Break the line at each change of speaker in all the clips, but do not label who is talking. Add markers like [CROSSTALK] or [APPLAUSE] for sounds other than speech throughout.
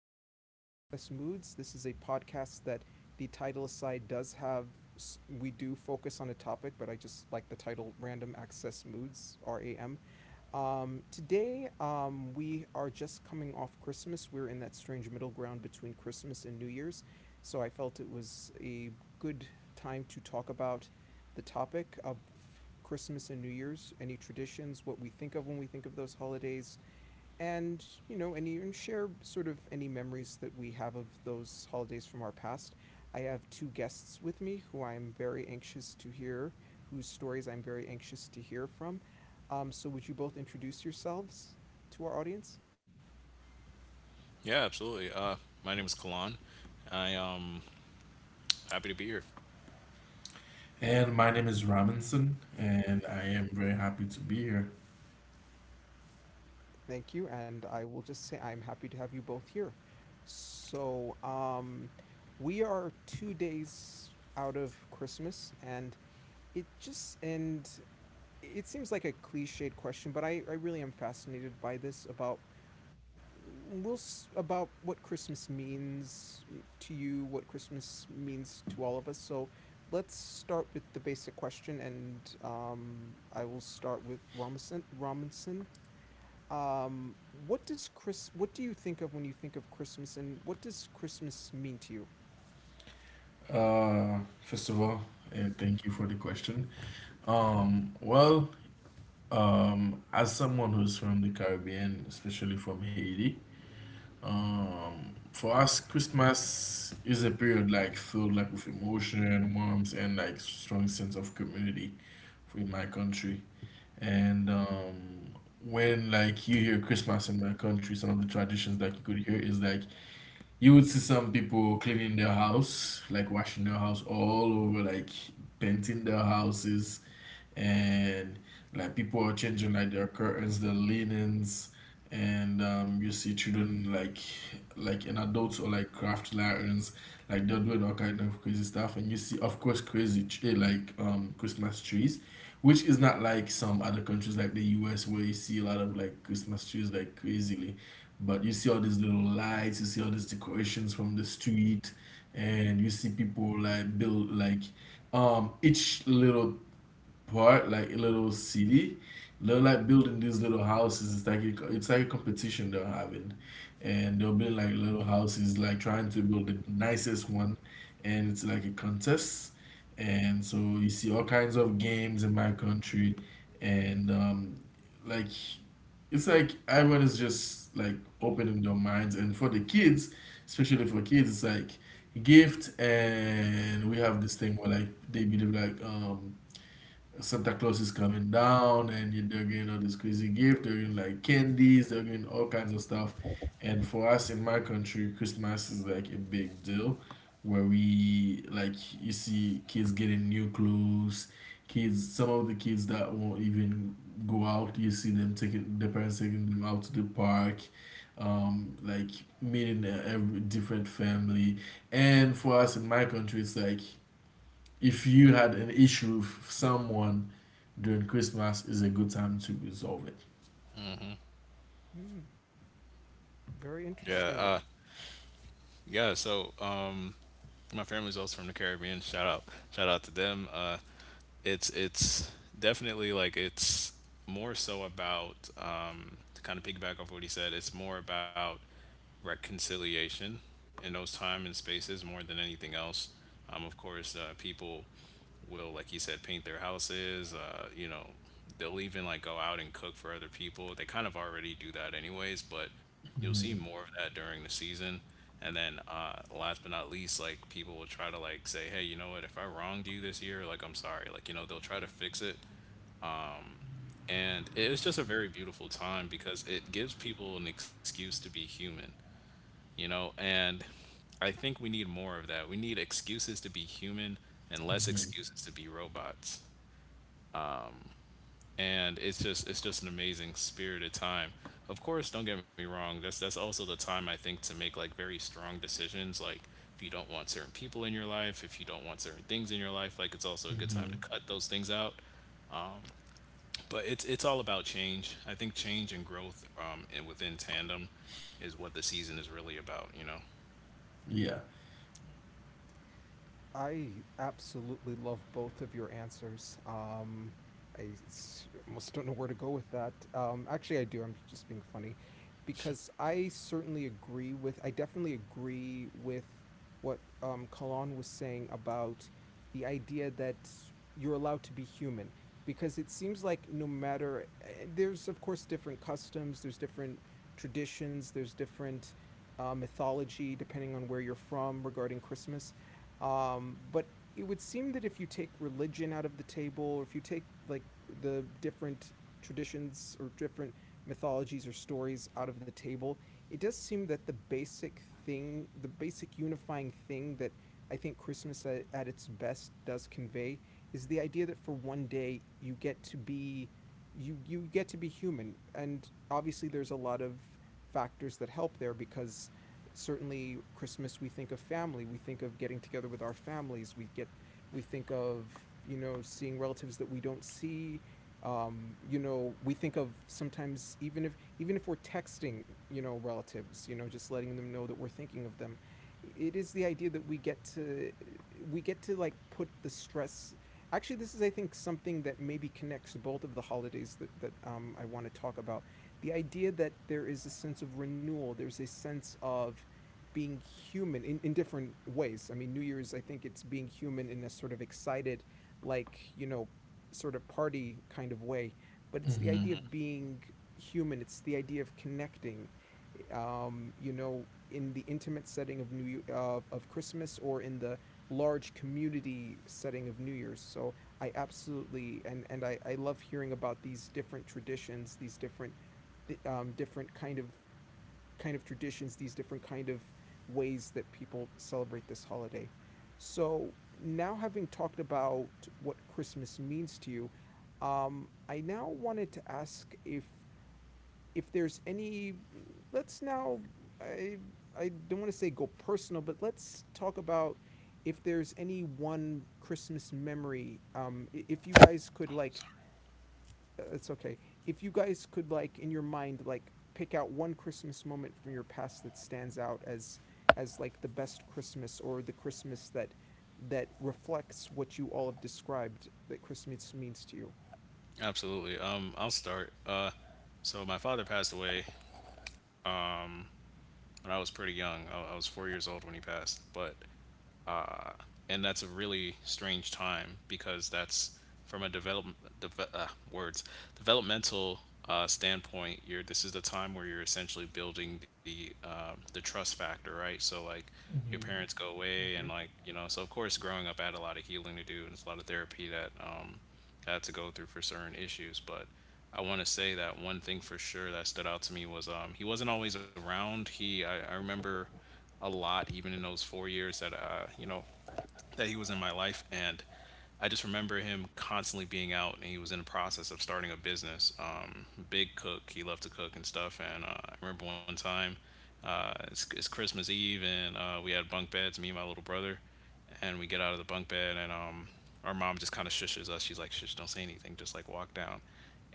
to Random Access Moods. This is a podcast that, the title aside, does have. We do focus on a topic, but I just like the title Random Access Moods, RAM. Today, we are just coming off Christmas. We're in that strange middle ground between Christmas and New Year's. So I felt it was a good time to talk about the topic of Christmas and New Year's, any traditions, what we think of when we think of those holidays, and and even share sort of any memories that we have of those holidays from our past. I have two guests with me who I'm very anxious to hear whose stories I'm very anxious to hear from. So would you both introduce yourselves to our audience?
Yeah, absolutely. My name is Kalan. I am happy to be here.
And my name is Robinson, and I am very happy to be here.
Thank you, and I will just say I'm happy to have you both here. so um, we are 2 days out of Christmas, and it seems like a cliched question, but I really am fascinated by this about will about what Christmas means to you, what Christmas means to all of us. So let's start with the basic question, and I will start with Robinson. Robinson, what does Chris? What do you think of when you think of Christmas, and what does Christmas mean to you?
Uh, First of all, and thank you for the question. Well, as someone who's from the Caribbean, especially from Haiti, for us, Christmas is a period like filled like with emotion, warmth, and like strong sense of community in my country. And when like you hear Christmas in my country, some of the traditions that you could hear is like you would see some people cleaning their house, like washing their house all over, like painting their houses, and like people are changing like their curtains, their linens, and you see children like in adults or like craft lanterns, like they're doing all kind of crazy stuff, and you see of course crazy Christmas trees, which is not like some other countries like the U.S. where you see a lot of like Christmas trees like crazily, but you see all these little lights, you see all these decorations from the street, and you see people like build like each little part, like a little city. They're like building these little houses. It's like a competition they're having, and they'll build like little houses, like trying to build the nicest one, and it's like a contest. And so you see all kinds of games in my country, and like it's like everyone is just like opening their minds, and for the kids, especially for kids, it's like gift and we have this thing where like they believe like Santa Claus is coming down, and they're getting all this crazy gift. They're getting like candies. They're getting all kinds of stuff. And for us in my country, Christmas is like a big deal, where we like you see kids getting new clothes. Kids, some of the kids that won't even go out, you see them taking their parents taking them out to the park, like meeting every different family. And for us in my country, it's like if you had an issue with someone during Christmas, is a good time to resolve it.
Hmm, very
Yeah,
interesting.
yeah. So, my family's also from the Caribbean. Shout out to them. It's definitely like it's more so about to kind of piggyback off what he said. It's more about reconciliation in those time and spaces more than anything else. Of course, people will, like you said, paint their houses. They'll even like go out and cook for other people. They kind of already do that anyways, but you'll see
Mm-hmm.
more of that during the season. And then last but not least, like people will try to like say, hey, you know what? If I wronged you this year, like I'm sorry. Like they'll try to fix it. And it's just a very beautiful time because it gives people an excuse to be human. And I think we need more of that. We need excuses to be human and less
Mm-hmm.
excuses to be robots. And it's just an amazing spirited time. Of course, don't get me wrong. That's also the time I think to make like very strong decisions. Like if you don't want certain people in your life, if you don't want certain things in your life, like it's also a good time
Mm-hmm.
to cut those things out. Um, but it's all about change. I think change and growth and within tandem is what the season is really about. You know.
Yeah.
I absolutely love both of your answers. Almost don't know where to go with that. Actually, I do. I'm just being funny because I certainly agree I definitely agree with what Kalan was saying about the idea that you're allowed to be human. Because it seems like no matter, there's of course different customs, there's different traditions, there's different mythology depending on where you're from regarding Christmas, but it would seem that if you take religion out of the table, or if you take like the different traditions or different mythologies or stories out of the table, it does seem that the basic thing, the basic unifying thing that I think Christmas at its best does convey is the idea that for one day you get to be you get to be human. And obviously there's a lot of factors that help there, because certainly Christmas we think of family, we think of getting together with our families, we think of, you know, seeing relatives that we don't see. You know, we think of sometimes, even if we're texting, you know, relatives, you know, just letting them know that we're thinking of them. It is the idea that we get to like put the stress. Actually, this is I think something that maybe connects both of the holidays that I want to talk about. The idea that there is a sense of renewal, there's a sense of being human in different ways. I mean, New Year's, I think it's being human in a sort of excited, like, you know, sort of party kind of way. But it's the
Mm-hmm.
idea of being human, it's the idea of connecting, you know, in the intimate setting of New of Christmas, or in the large community setting of New Year's. So I absolutely, and and I love hearing about these different traditions, these different different kind of traditions, these different kind of ways that people celebrate this holiday. So now, having talked about what Christmas means to you, I now wanted to ask if there's any. Let's now. I I don't want to say go personal, but let's talk about if there's any one Christmas memory. If you guys could like it's okay. If you guys could like in your mind like pick out one Christmas moment from your past that stands out as like the best Christmas or the Christmas that that reflects what you all have described that Christmas means to you.
Absolutely. I'll start. So my father passed away when I was pretty young. I was 4 years old when he passed, but uh, and that's a really strange time because that's from a develop deve- words developmental standpoint. You're This is the time where you're essentially building the trust factor, right? So like your
Mm-hmm.
parents go away, and
Mm-hmm.
like so of course, growing up, I had a lot of healing to do, and it's a lot of therapy that I had to go through for certain issues. But I want to say that one thing for sure that stood out to me was he wasn't always around. I remember a lot even in those 4 years that you know that he was in my life, and I just remember him constantly being out, and he was in the process of starting a business. Big cook. He loved to cook and stuff. And I remember one time, it's Christmas Eve, and we had bunk beds, me and my little brother. And we get out of the bunk bed, and our mom just kind of shushes us. She's like, shush, don't say anything. Just like walk down.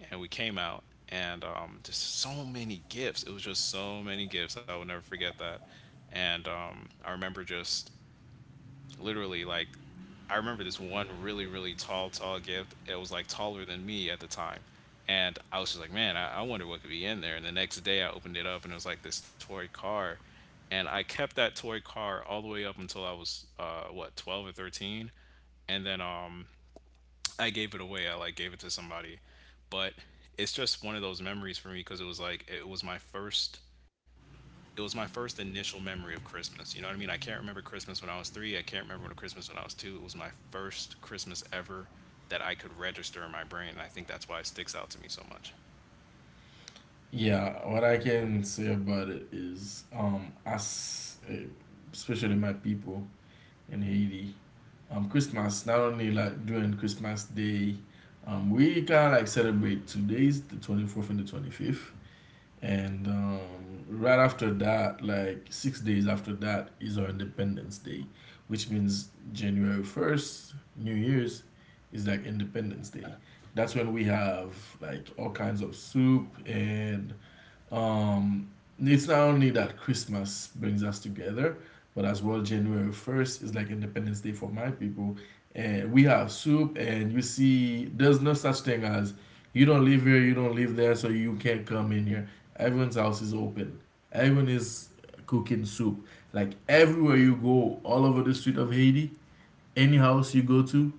And we came out, and just so many gifts. It was just so many gifts. I will never forget that. And I remember just literally like I remember this one really, really tall, tall gift. It was like taller than me at the time. And I was just like, man, I wonder what could be in there. And the next day I opened it up, and it was like this toy car. And I kept that toy car all the way up until I was, what, 12 or 13. And then I gave it away. I like gave it to somebody. But it's just one of those memories for me because it was like, it was my first initial memory of Christmas. You know what I mean? I can't remember Christmas when I was 3. I can't remember when Christmas when I was 2. It was my first Christmas ever that I could register in my brain. And I think that's why it sticks out to me so much.
Yeah. What I can say about it is, as especially my people in Haiti, Christmas not only like during Christmas Day, we kind of like celebrate 2 days, the 24th and the 25th. And right after that, like 6 days after that, is our Independence Day, which means January 1st, New Year's, is like Independence Day. That's when we have like all kinds of soup, and um, it's not only that Christmas brings us together, but as well January 1st is like Independence Day for my people. And we have soup, and you see, there's no such thing as you don't live here, you don't live there, so you can't come in here. Everyone's house is open, everyone is cooking soup. Like
Right.
everywhere you go, all over the street of Haiti, any house you go to,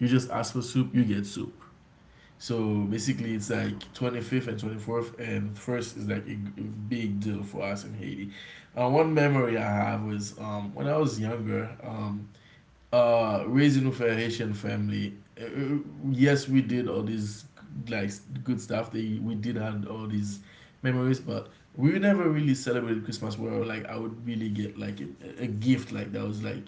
you just ask for soup, you get soup. So basically, it's like 25th and 24th, and first is like a big deal for us in Haiti. One memory I have was when I was younger, raising with a Haitian family. uh, uh, yes, we did all these like good stuff. We did have all these memories, but we never really celebrated Christmas where like I would really get like a gift like that was like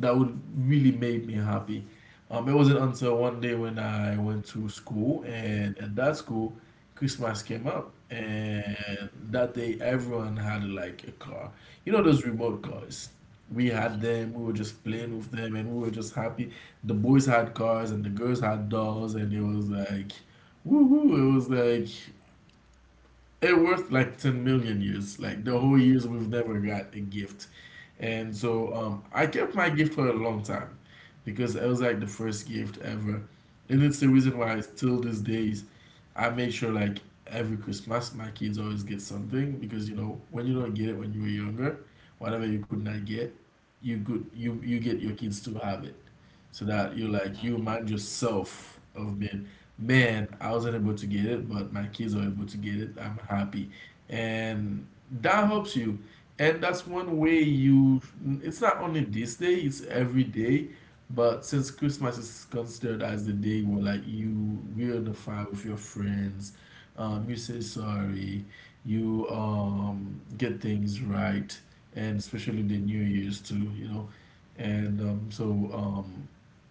that would really make me happy. It wasn't until one day when I went to school, and at that school, Christmas came up, and that day everyone had like a car. You know those remote cars. We had them. We were just
Mm-hmm.
playing with them, and we were just happy. The boys had cars, and the girls had dolls, and it was like, woohoo! It was like it worth like 10 million years like the whole years we've never got a gift. And so I kept my gift for a long time, because it was like the first gift ever. And it's the reason why till these days I make sure like every Christmas my kids always get something, because you know when you don't get it when you were younger, whatever you could not get, you get your kids to have it, so that
Mm,
you like you remind yourself of being Man, I wasn't able to get it, but my kids are able to get it. I'm happy. And that helps you. And that's one way you, it's not only this day, it's every day. But since Christmas is considered as the day where like you reunify with your friends, you say sorry, you get things right, and especially the New Year's too. And so um,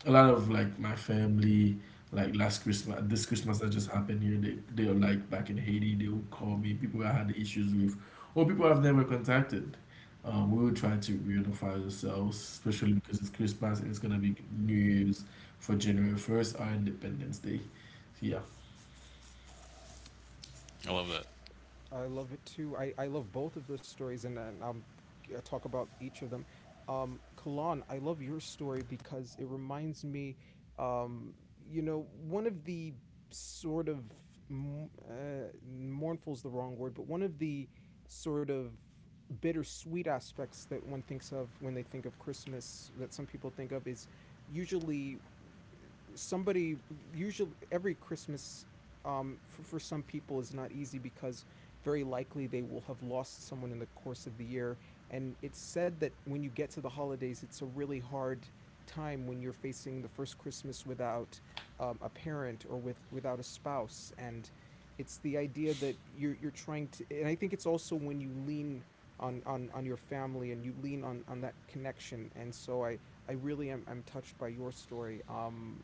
a lot of like my family like last Christmas, this Christmas that just happened here, they are like back in Haiti, they would call me, people I had issues with, or people I've never contacted. We will try to reunify ourselves, especially because it's Christmas and it's gonna be New Year's for January 1st, our Independence Day. So, yeah.
I love that.
I love it too. I love both of those stories, and, and I'll talk about each of them. Kalan, I love your story because it reminds me, um, you know, one of the sort of mournful is the wrong word, but one of the sort of bittersweet aspects that one thinks of when they think of Christmas that some people think of is usually somebody usually every Christmas, for some people, is not easy because very likely they will have lost someone in the course of the year. And it's said that when you get to the holidays, it's a really hard time when you're facing the first Christmas without a parent or without a spouse. And it's the idea that you're trying to, and I think it's also when you lean on your family and you lean on that connection. And so I really am, I'm touched by your story.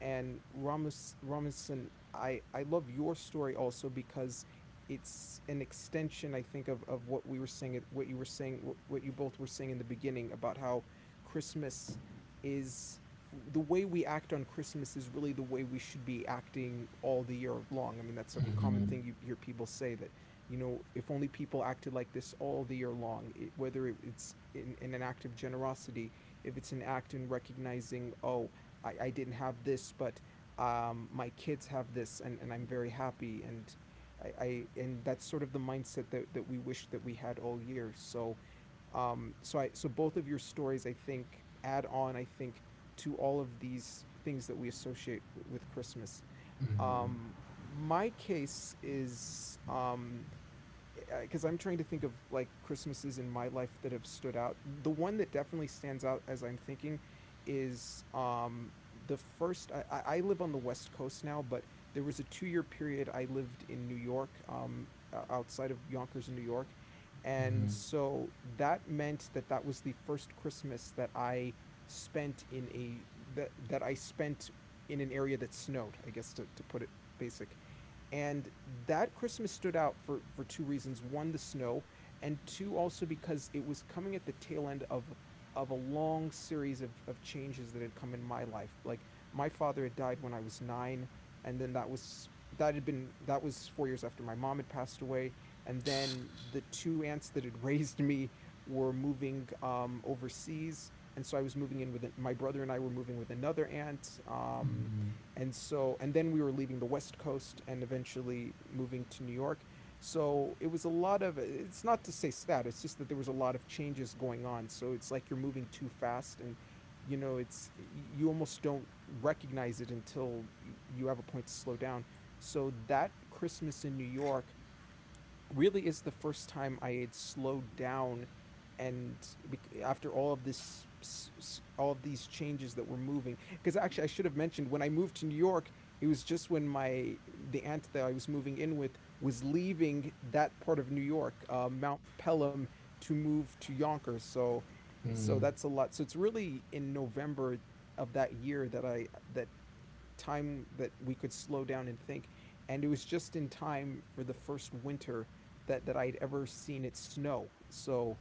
And Ramos Robinson, I love your story also because it's an extension, I think, of what we were saying, what you were saying, what you both were saying in the beginning about how Christmas is, the way we act on Christmas is really the way we should be acting all the year long. I mean, that's a common
Hmm.
thing you hear people say, that, you know, if only people acted like this all the year long, whether it's in an act of generosity, if it's an act in recognizing, oh, I didn't have this, but my kids have this, and I'm very happy. And I and that's sort of the mindset that, that we wish that we had all year. So so I so both of your stories, I think, add on. I think to all of these things that we associate with Christmas.
Hmm.
Um, my case is because I'm trying to think of like Christmases in my life that have stood out. The one that definitely stands out as I'm thinking is the first. I live on the West Coast now, but there was a 2 year period I lived in New York, outside of Yonkers in New York. And
Hmm.
so that meant that that was the first Christmas that I spent in a that that I spent in an area that snowed, I guess to put it basic. And that Christmas stood out for two reasons. One, the snow, and two, also because it was coming at the tail end of a long series of changes that had come in my life. Like my father had died when I was nine, and then that was that had been that was 4 years after my mom had passed away. And then the two aunts that had [LAUGHS] raised me were moving overseas, and so I were moving with another aunt, and so, and then we were leaving the West Coast and eventually moving to New York. So it was a lot of, it's not to say sad, it's just that there was a lot of changes going on. So it's like you're moving too fast, and, you know, you almost don't recognize it until you have a point to slow down. So that Christmas in New York really is the first time I had slowed down and after all of this, all of these changes that were moving, because actually I should have mentioned when I moved to New York, it was just when my, the aunt that I was moving in with was leaving that part of New York, Mount Pelham, to move to Yonkers. So so
Hmm.
that's a lot, so it's really in November of that year that I that time that we could slow down and think. And it was just in time for the first winter that I'd ever seen it snow. So,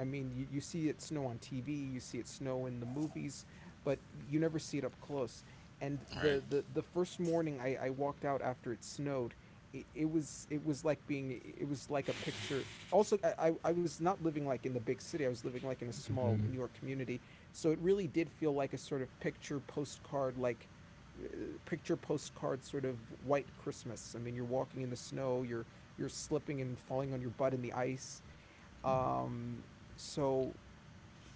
I mean, you see it snow on TV, you see it snow in the movies, but you never see it up close. And
Right.
the first morning I walked out after it snowed, it was like being, it was like a picture. Also, was not living like in the big city, I was living like in a small
Hmm.
New York community, so it really did feel like a sort of picture postcard, like picture postcard sort of white Christmas. I mean, you're walking in the snow, you're slipping and falling on your butt in the ice. Um, so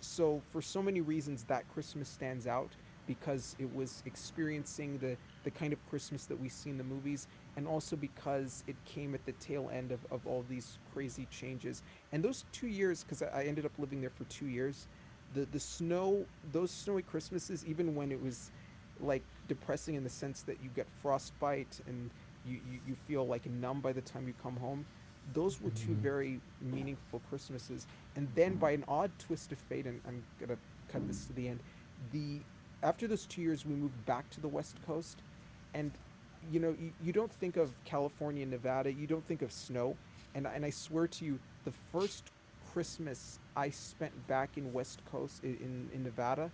so for so many reasons that christmas stands out because it was experiencing the kind of christmas that we see in the movies, and also because it came at the tail end of all these crazy changes and those 2 years, because I ended up living there for 2 years. The snow, those snowy christmases, even when it was like depressing in the sense that you get frostbite and you feel like numb by the time you come home, those were two very meaningful christmases. And then, by an odd twist of fate, and I'm gonna cut this to the end, the after those 2 years we moved back to the West Coast. And you know, you don't think of California and Nevada, you don't think of snow. And I swear to you, the first Christmas I spent back in West Coast in Nevada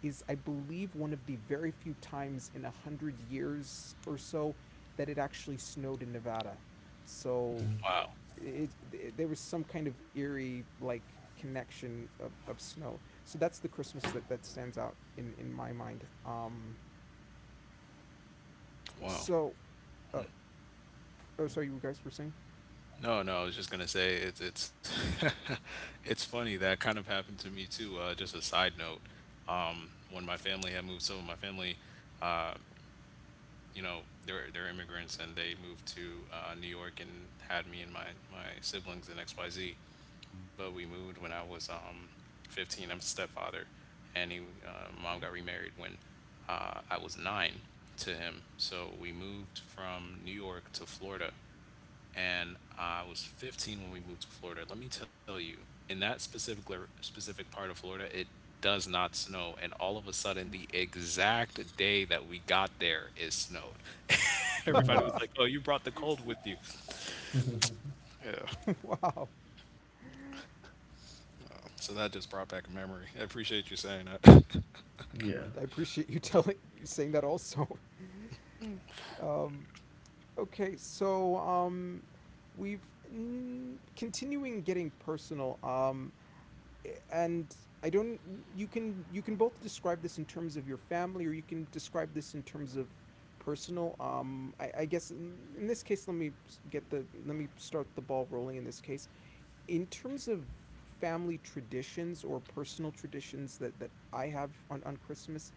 is I believe one of the very few times in a hundred years or so that it actually snowed in Nevada. So
Hmm.
Wow.
there was some kind of eerie like connection of snow. So that's the Christmas that stands out in my mind.
Wow.
So, uh, oh, sorry, you guys were saying.
No, no, I was just gonna say it's [LAUGHS] it's funny that kind of happened to me too. Just a side note, when my family had moved, so my family, they're immigrants, and they moved to New York, and had me and my siblings in XYZ, but we moved when I was 15. I'm a stepfather, and he mom got remarried when I was 9 to him. So we moved from New York to Florida, and I was 15 when we moved to Florida. Let me tell you, in that specific part of Florida, it does not snow, and all of a sudden, the exact day that we got there, it snowed.
Oh,
Everybody
wow.
was like,
[LAUGHS]
"Oh, you brought the cold with you."
[LAUGHS]
Yeah.
Wow,
Oh, so that just brought back a memory. I appreciate you saying that.
Yeah.
I appreciate you [LAUGHS] telling saying that also. [LAUGHS] um, okay, we've continuing getting personal. And I don't, you can both describe this in terms of your family, or you can describe this in terms of personal, um, I guess in this case, let me get the let me start the ball rolling in this case in terms of family traditions or personal traditions that I have on Christmas.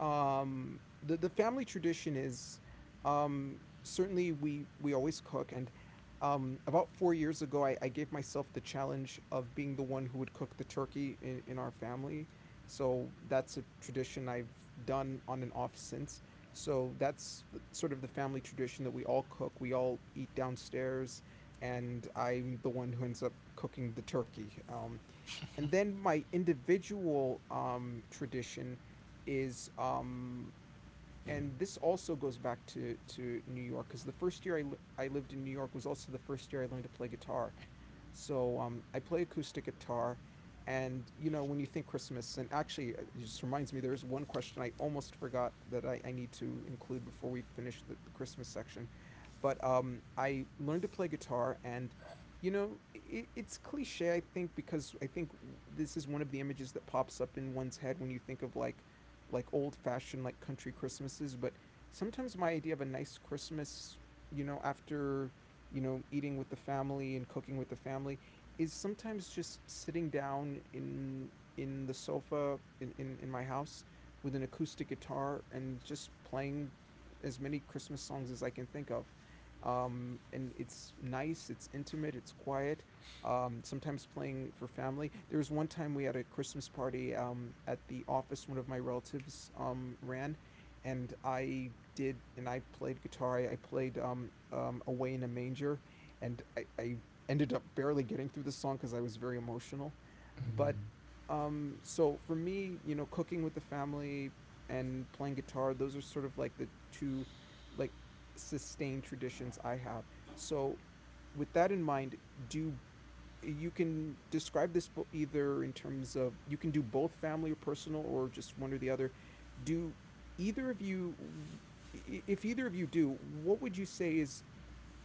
The family tradition is, certainly we always cook. And about 4 years ago, I gave myself the challenge of being the one who would cook the turkey in our family. So that's a tradition I've done on and off since. So that's sort of the family tradition that we all cook. We all eat downstairs, and I'm the one who ends up cooking the turkey. And then my individual, tradition is, and this also goes back to New York, because the first year I lived in New York was also the first year I learned to play guitar. So I play acoustic guitar. And, you know, when you think Christmas, and actually, it just reminds me, there is one question I almost forgot that I need to include before we finish the Christmas section. But I learned to play guitar, and you know, it, it's cliche, I think, because I think this is one of the images that pops up in one's head when you think of like old fashioned like country Christmases. But sometimes my idea of a nice Christmas, you know, after you know eating with the family and cooking with the family, is sometimes just sitting down in the sofa in my house with an acoustic guitar and just playing as many Christmas songs as I can think of. Um, and it's nice, it's intimate, it's quiet. Sometimes playing for family. There was one time we had a Christmas party at the office one of my relatives ran, and I did, and I played guitar. I played Away in a Manger, and I ended up barely getting through the song because I was very emotional. But so for me, you know, cooking with the family and playing guitar, those are sort of like the two like sustained traditions I have. So, with that in mind, do you can describe this either in terms of, you can do both family or personal or just one or the other. Do either of you, if either of you do, what would you say is,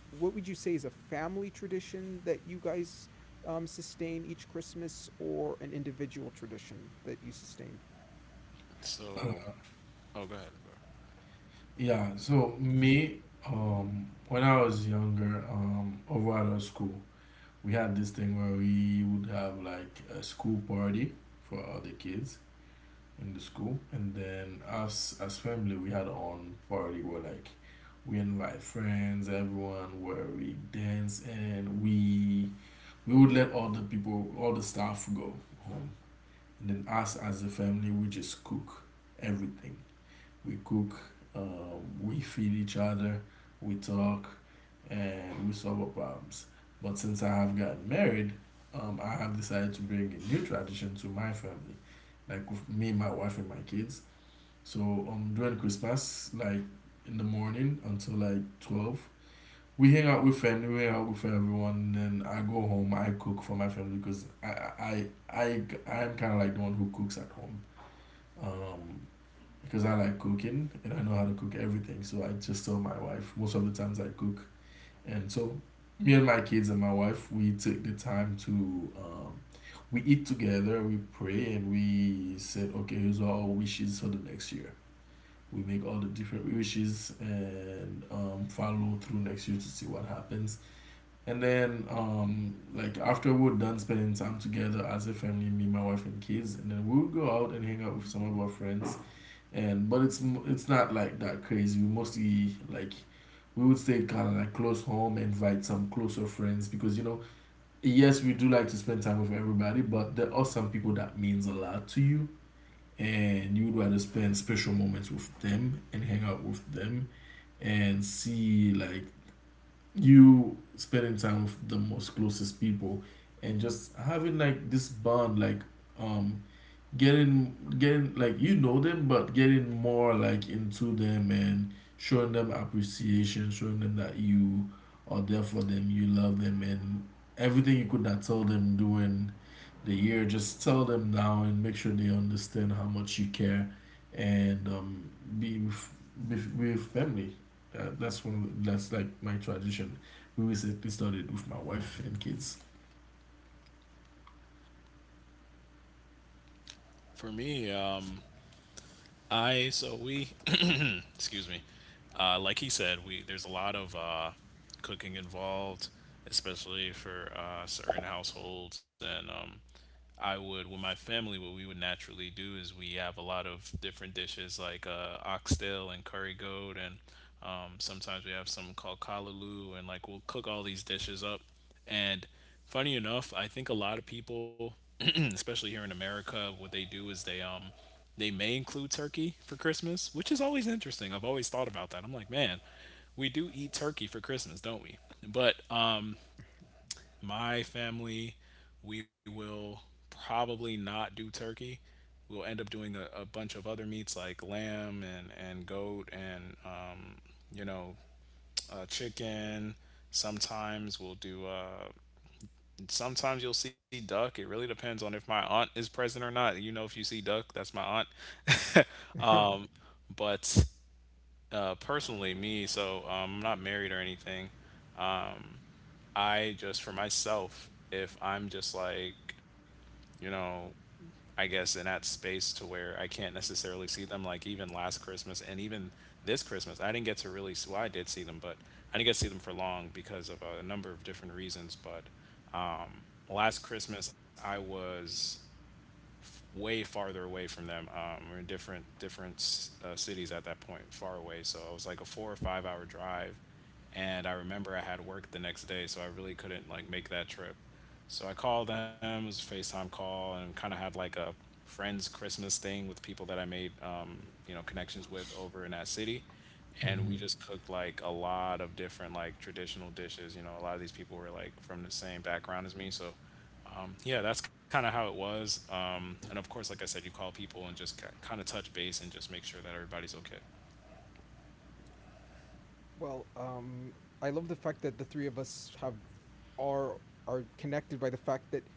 what would you say is a family tradition that you guys sustain each Christmas, or an individual tradition that you sustain?
[LAUGHS] so,
Mhm.
oh, go ahead, bro.
Yeah, so me, when I was younger, over at our school, we had this thing where we would have like a school party for all the kids in the school, and then us as family, we had our own party where like we invite friends, everyone, where we dance, and we would let all the people, all the staff go home, and then us as a family, we just cook everything we cook, uh, we feed each other, we talk, and we solve our problems. But since I have gotten married, I have decided to bring a new tradition to my family, like with me, my wife, and my kids. So during Christmas, like in the morning until like 12, we hang out with family, we hang out with everyone. And then I go home, I cook for my family because I am kind of like the one who cooks at home. Um, because I like cooking and I know how to cook everything. So I just tell my wife most of the times I cook, and so me and my kids and my wife, we take the time to um, we eat together, we pray, and we said okay, here's our wishes for the next year. We make all the different wishes and follow through next year to see what happens. And then, like after we're done spending time together as a family, me, my wife, and kids, and then we'll go out and hang out with some of our friends, and but it's not like that crazy. We mostly like we would stay kind of like close home, invite some closer friends, because you know yes we do like to spend time with everybody, but there are some people that means a lot to you, and you would rather spend special moments with them and hang out with them and see like you spending time with the most closest people, and just having like this bond like um getting like you know them but getting more like into them, and showing them appreciation, showing them that you are there for them, you love them, and everything you could not tell them during the year just tell them now and make sure they understand how much you care, and be with family. That's that's like my tradition we always say we started with my wife and kids.
For me, I so we, [CLEARS THROAT] excuse me, like he said, we there's a lot of cooking involved, especially for certain households. And I would with my family what we would naturally do is we have a lot of different dishes like oxtail and curry goat. And sometimes we have something called kalaloo, and like we'll cook all these dishes up. And funny enough, I think a lot of people [CLEARS THROAT] especially here in America, what they do is they may include turkey for Christmas, which is always interesting. I've always thought about that. I'm like, man, we do eat turkey for Christmas, don't we? But my family, we will probably not do turkey. We'll end up doing a bunch of other meats like lamb and goat, and, you know, chicken. Sometimes we'll do, uh, sometimes you'll see duck. It really depends on if my aunt is present or not. You know, if you see duck, that's my aunt.
[LAUGHS]
But personally, me, I'm not married or anything. I just, for myself, if I'm just like, you know, I guess, in that space to where I can't necessarily see them. Like even last Christmas and even this Christmas, I didn't get to really see. Well, I did see them, but I didn't get to see them for long because of number of different reasons. But last Christmas, I was way farther away from them. We are in different different cities at that point, far away. So it was like a 4 or 5 hour drive, and I remember I had work the next day, so I really couldn't like make that trip. So I called them. It was a FaceTime call, and kind of had like a friends Christmas thing with people that I made connections with over in that city. And we
Mhm.
just cooked like a lot of different like traditional dishes. You know, a lot of these people were like from the same background as me, so yeah, that's kind of how it was. And of course, like I said, you call people and just kind of touch base and just make sure that everybody's okay.
Well, I love the fact that the three of us have are are connected by the fact that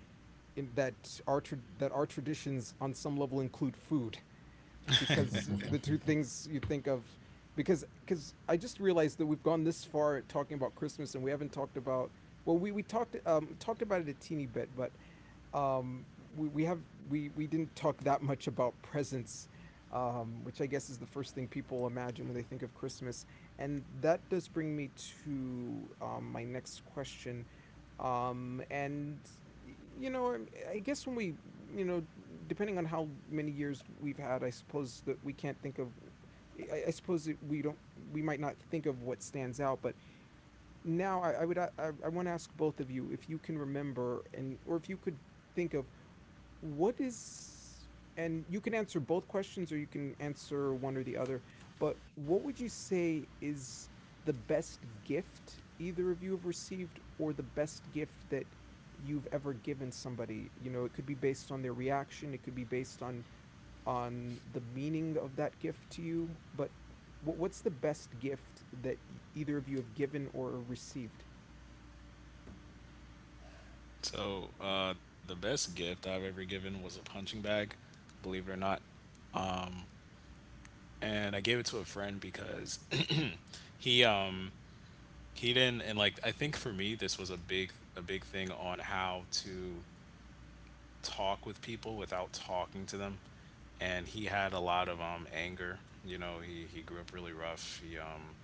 in that our that our traditions on some level include food, because the two things you think of, because I just realized that we've gone this far talking about Christmas and we haven't talked about, well we talked talked about it a teeny bit, but um, we have, we didn't talk that much about presents, which I guess is the first thing people imagine when they think of Christmas, and that does bring me to my next question. And you know, I guess when we, you know, depending on how many years we've had, I suppose that we can't think of. I suppose that we don't. We might not think of what stands out, but now I would. I want to ask both of you if you can remember and or if you could think of what is, and you can answer both questions or you can answer one or the other, but what would you say is the best gift either of you have received, or the best gift that you've ever given somebody, you know, it could be based on their reaction, it could be based on the meaning of that gift to you, but what's the best gift that either of you have given or received?
So, the best gift I've ever given was a punching bag, believe it or not. And I gave it to a friend because [CLEARS THROAT] he um he didn't and like I think for me this was a big thing on how to talk with people without talking to them. And he had a lot of anger. You know, he grew up really rough. He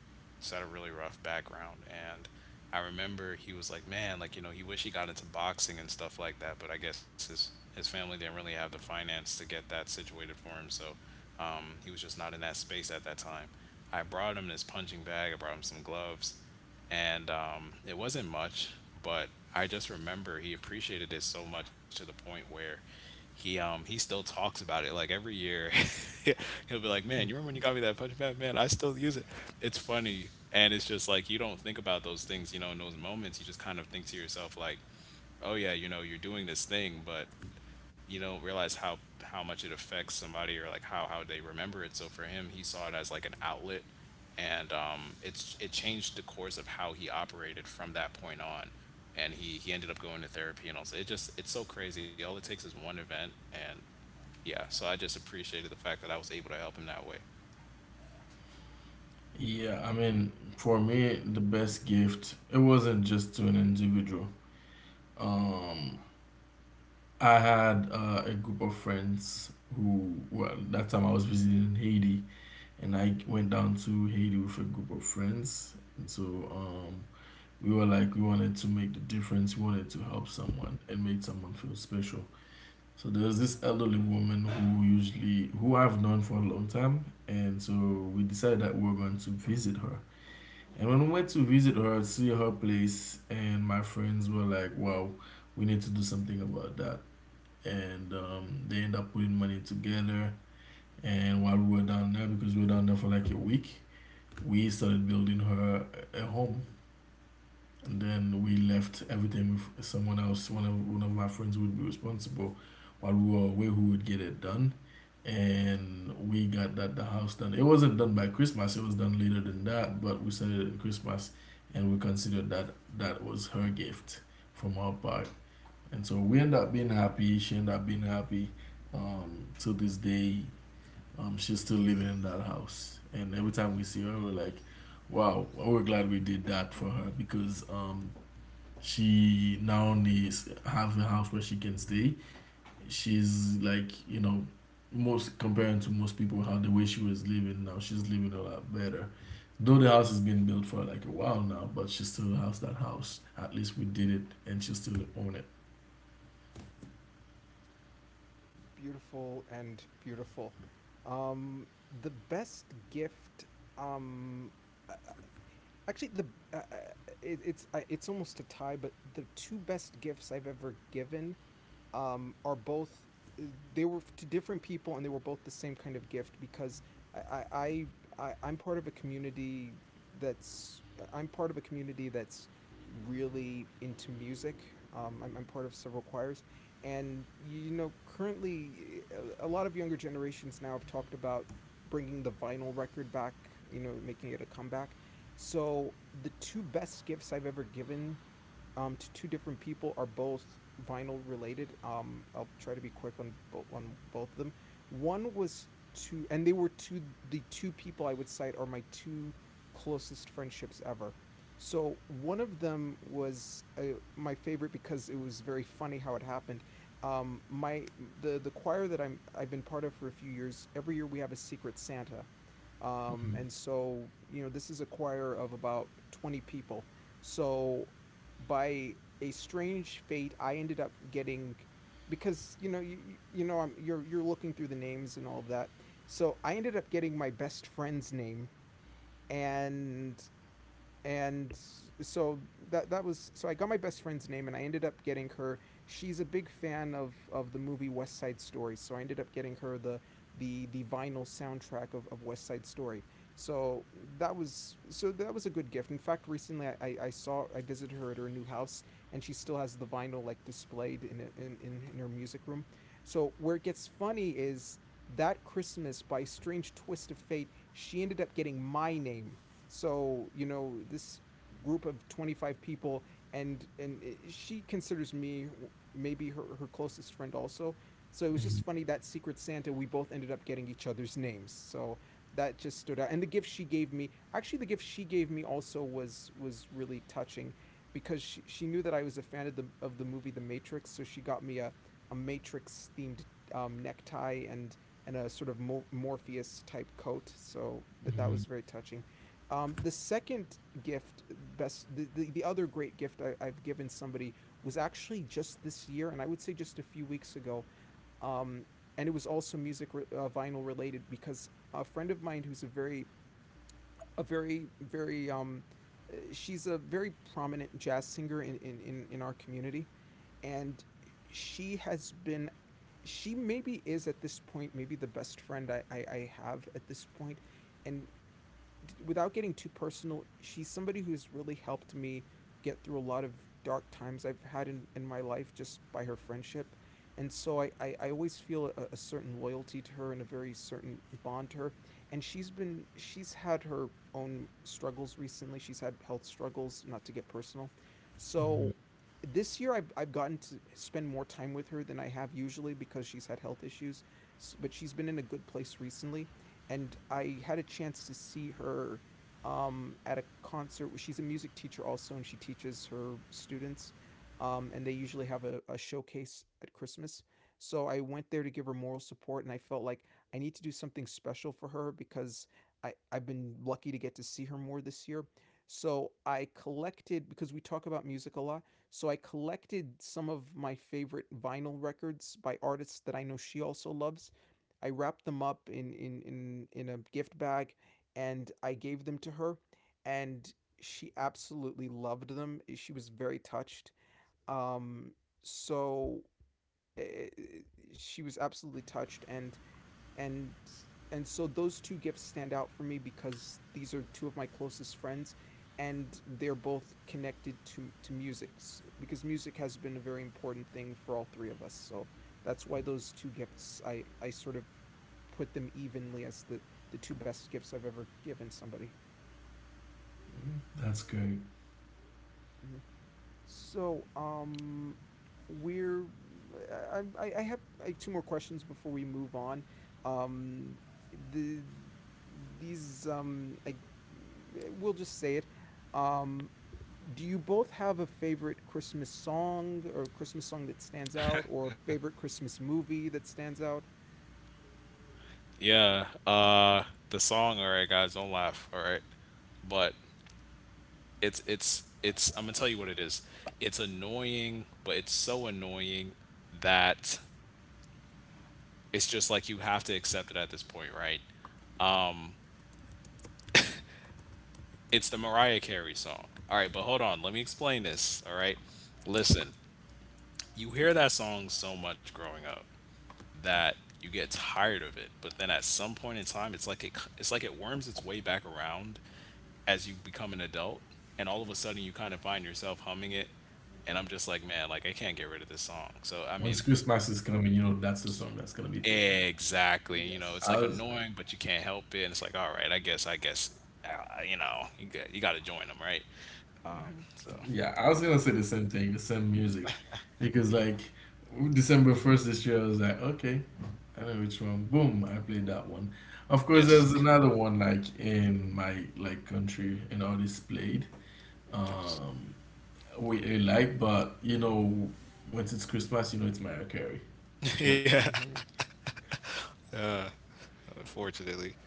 just had a really rough background. And I remember he was like, man, like, he wished he got into boxing and stuff like that. But I guess his family didn't really have the finance to get that situated for him. So he was just not in that space at that time. I brought him his punching bag, I brought him some gloves, and it wasn't much, but I just remember he appreciated it so much to the point where he still talks about it like every year. [LAUGHS] He'll be like, "Man, you
Hmm.
remember when you got me that punch pad? Man, I still use it. It's funny." And it's just like you don't think about those things, in those moments. You just kind of think to yourself, like, oh yeah, you're doing this thing, but you don't realize how much it affects somebody, or like how they remember it. So for him, he saw it as like an outlet, and it changed the course of how he operated from that point on. And he ended up going to therapy and all. So it's so crazy. All it takes is one event, and yeah. So I just appreciated the fact that I was able to help him that way.
Yeah, I mean, for me, the best gift, it wasn't just to an individual. Um, I had a group of friends who, well, that time I was visiting Haiti, and I went down to Haiti with a group of friends. And so um, we were like, we wanted to make the difference, we wanted to help someone and make someone feel special. So there was this elderly woman who usually, who I've known for a long time, and so we decided that we were going to visit her. And when we went to visit her, see her place, and my friends were like, wow, we need to do something about that. And they end up putting money together. And while we were down there, because we were down there for like a week, we started building her a home. And then we left everything with someone else. One of my friends would be responsible while we were away who would get it done. And we got that the house done. It wasn't done by Christmas, it was done later than that, but we said it at Christmas, and we considered that that was her gift from our part. And so we ended up being happy, she ended up being happy. To this day, she's still living in that house. And every time we see her we're like, wow, we're glad we did that for her, because she now needs have a house where she can stay. She's like, most comparing to most people how the way she was living, now she's living a lot better. Though the house has been built for like a while now, but she still has that house. At least we did it, and she still own it.
Beautiful and beautiful. Um, the best gift. Um, uh, actually, the uh, uh, it's it's almost a tie, but the two best gifts I've ever given are both, they were to different people and they were both the same kind of gift because I I, I'm part of a community that's, I'm part of a community that's really into music. I'm part of several choirs, and you know, currently, a lot of younger generations now have talked about bringing the vinyl record back. You know, making it a comeback. So the two best gifts I've ever given to two different people are both vinyl related. I'll try to be quick on on both of them. One was to, and they were to, the two people I would cite are my two closest friendships ever. So one of them was my favorite because it was very funny how it happened. My The choir that I've been part of for a few years. Every year we have a secret Santa,
Mm-hmm.
and so, you know, this is a choir of about 20 people. So, by a strange fate, I ended up getting, because you know you know I'm you're looking through the names and all of that. So I ended up getting my best friend's name, and and so that that was, so I got my best friend's name and I ended up getting her, she's a big fan of the movie West Side Story, so I ended up getting her the vinyl soundtrack of West Side Story. So that was, so that was a good gift. In fact, recently saw I visited her at her new house and she still has the vinyl like displayed in her music room. So where it gets funny is that Christmas by a strange twist of fate she ended up getting my name. So, you know, this group of 25 people, and eh, she considers me maybe her, her closest friend also. So it was just funny that Secret Santa we both ended up getting each other's names. So that just stood out. And the gift she gave me, actually the gift she gave me also was really touching, because she knew that I was a fan of the movie The Matrix, so she got me a Matrix themed necktie and a sort of Morpheus type coat. So that that
Mm-hmm.
was very touching. The second gift, best the other great gift I've given somebody was actually just this year, and I would say just a few weeks ago. Um, and it was also music vinyl related, because a friend of mine who's a very, a very very she's a very prominent jazz singer in our community, and she has been, she maybe is at this point maybe the best friend I have at this point. And without getting too personal, she's somebody who's really helped me get through a lot of dark times I've had in my life just by her friendship. And so I always feel a certain loyalty to her and a very certain bond to her. And she's been, she's had her own struggles recently. She's had health struggles, not to get personal.
Mm-hmm.
So this year I've gotten to spend more time with her than I have usually because she's had health issues, but she's been in a good place recently and I had a chance to see her at a concert. She's a music teacher also, and she teaches her students. And they usually have a showcase at Christmas. So I went there to give her moral support, and I felt like I need to do something special for her because I've been lucky to get to see her more this year. So I collected, because we talk about music a lot, so I collected some of my favorite vinyl records by artists that I know she also loves. I wrapped them up in a gift bag, and I gave them to her, and she absolutely loved them. She was very touched. Um, so eh, eh, she was absolutely touched, and and so those two gifts stand out for me because these are two of my closest friends and they're both connected to music because music has been a very important thing for all three of us. So that's why those two gifts I sort of put them evenly as the two best gifts I've ever given somebody.
That's great.
Mhm. So, we're I have like two more questions before we move on. Um, the these I we'll just say it. Um, do you both have a favorite Christmas song or Christmas song that stands out or a favorite Christmas movie that stands out?
Yeah. The song, all right, guys, don't laugh, all right, but it's I'm gonna tell you what it is. It's annoying, but it's so annoying that it's just like you have to accept it at this point, right? Um, it's the Mariah Carey song. All right, but hold on, let me explain this. All right, listen, you hear that song so much growing up that you get tired of it, but then at some point in time, it's like it's like it worms its way back around as you become an adult, and all of a sudden you kind of find yourself humming it. And I'm just like, man, like I can't get rid of this song, so I
Once
mean,
Christmas is coming, you know that's the song that's gonna be playing.
exactly, you know, it's
Yes.
I
like
was.
annoying but you can't help it, and it's like, all right, I guess you know, you got to join them, right? um so
Yeah, I was gonna say the same thing, the same music, because like December 1st this year, I was like, okay, I know which one. Boom, I played that one. Of course, there's
yes.
another one like in my like country and all this played.
[LAUGHS] Yes.
Um, we like, but once it's Christmas, you know it's Mariah Carey.
[LAUGHS]
Boom.
Yeah,
Mm-hmm.
unfortunately.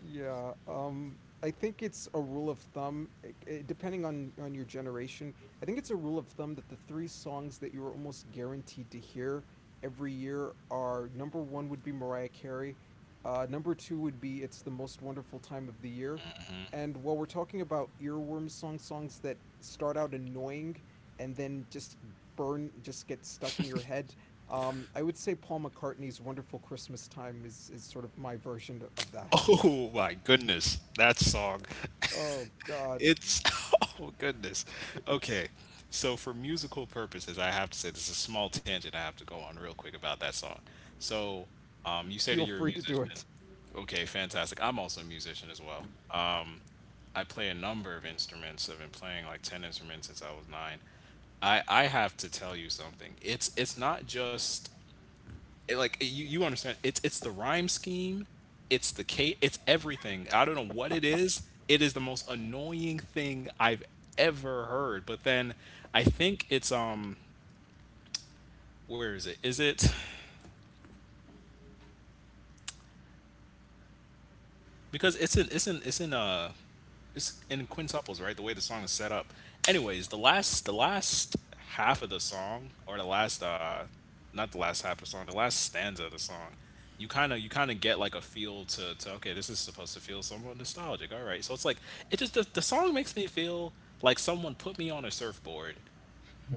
Yeah, I think it's a rule of thumb, depending on your generation. I think it's a rule of thumb that the three songs that you're almost guaranteed to hear every year are number one would be Mariah Carey, number two would be "It's the Most Wonderful Time of the Year," and while we're talking about earworm songs, songs that start out annoying and then just burn, just get stuck in your head. I would say Paul McCartney's "Wonderful Christmas Time" is sort of my version of that.
Oh my goodness, that song. [LAUGHS]
Oh God,
It's [LAUGHS] oh goodness.
it's
Okay. So for musical purposes, I have to say this is a small tangent I have to go on real quick about that song. So, you say that
feel
you're a
free to
musician.
do it.
Okay, fantastic. I'm also a musician as well. I play a number of instruments. I've been playing like 10 instruments since I was 9. I have to tell you something. It's not just it, like, you understand, it's the rhyme scheme, it's the case, it's everything. I don't know what it is. It is the most annoying thing I've ever heard. But then I think it's where is it because it's in quintuples, right? The way the song is set up. Anyways, the last half of the song, or the last not the last half of the song, the last stanza of the song, you kind of get like a feel to okay, this is supposed to feel somewhat nostalgic. All right, so it's like it just the song makes me feel like someone put me on a surfboard,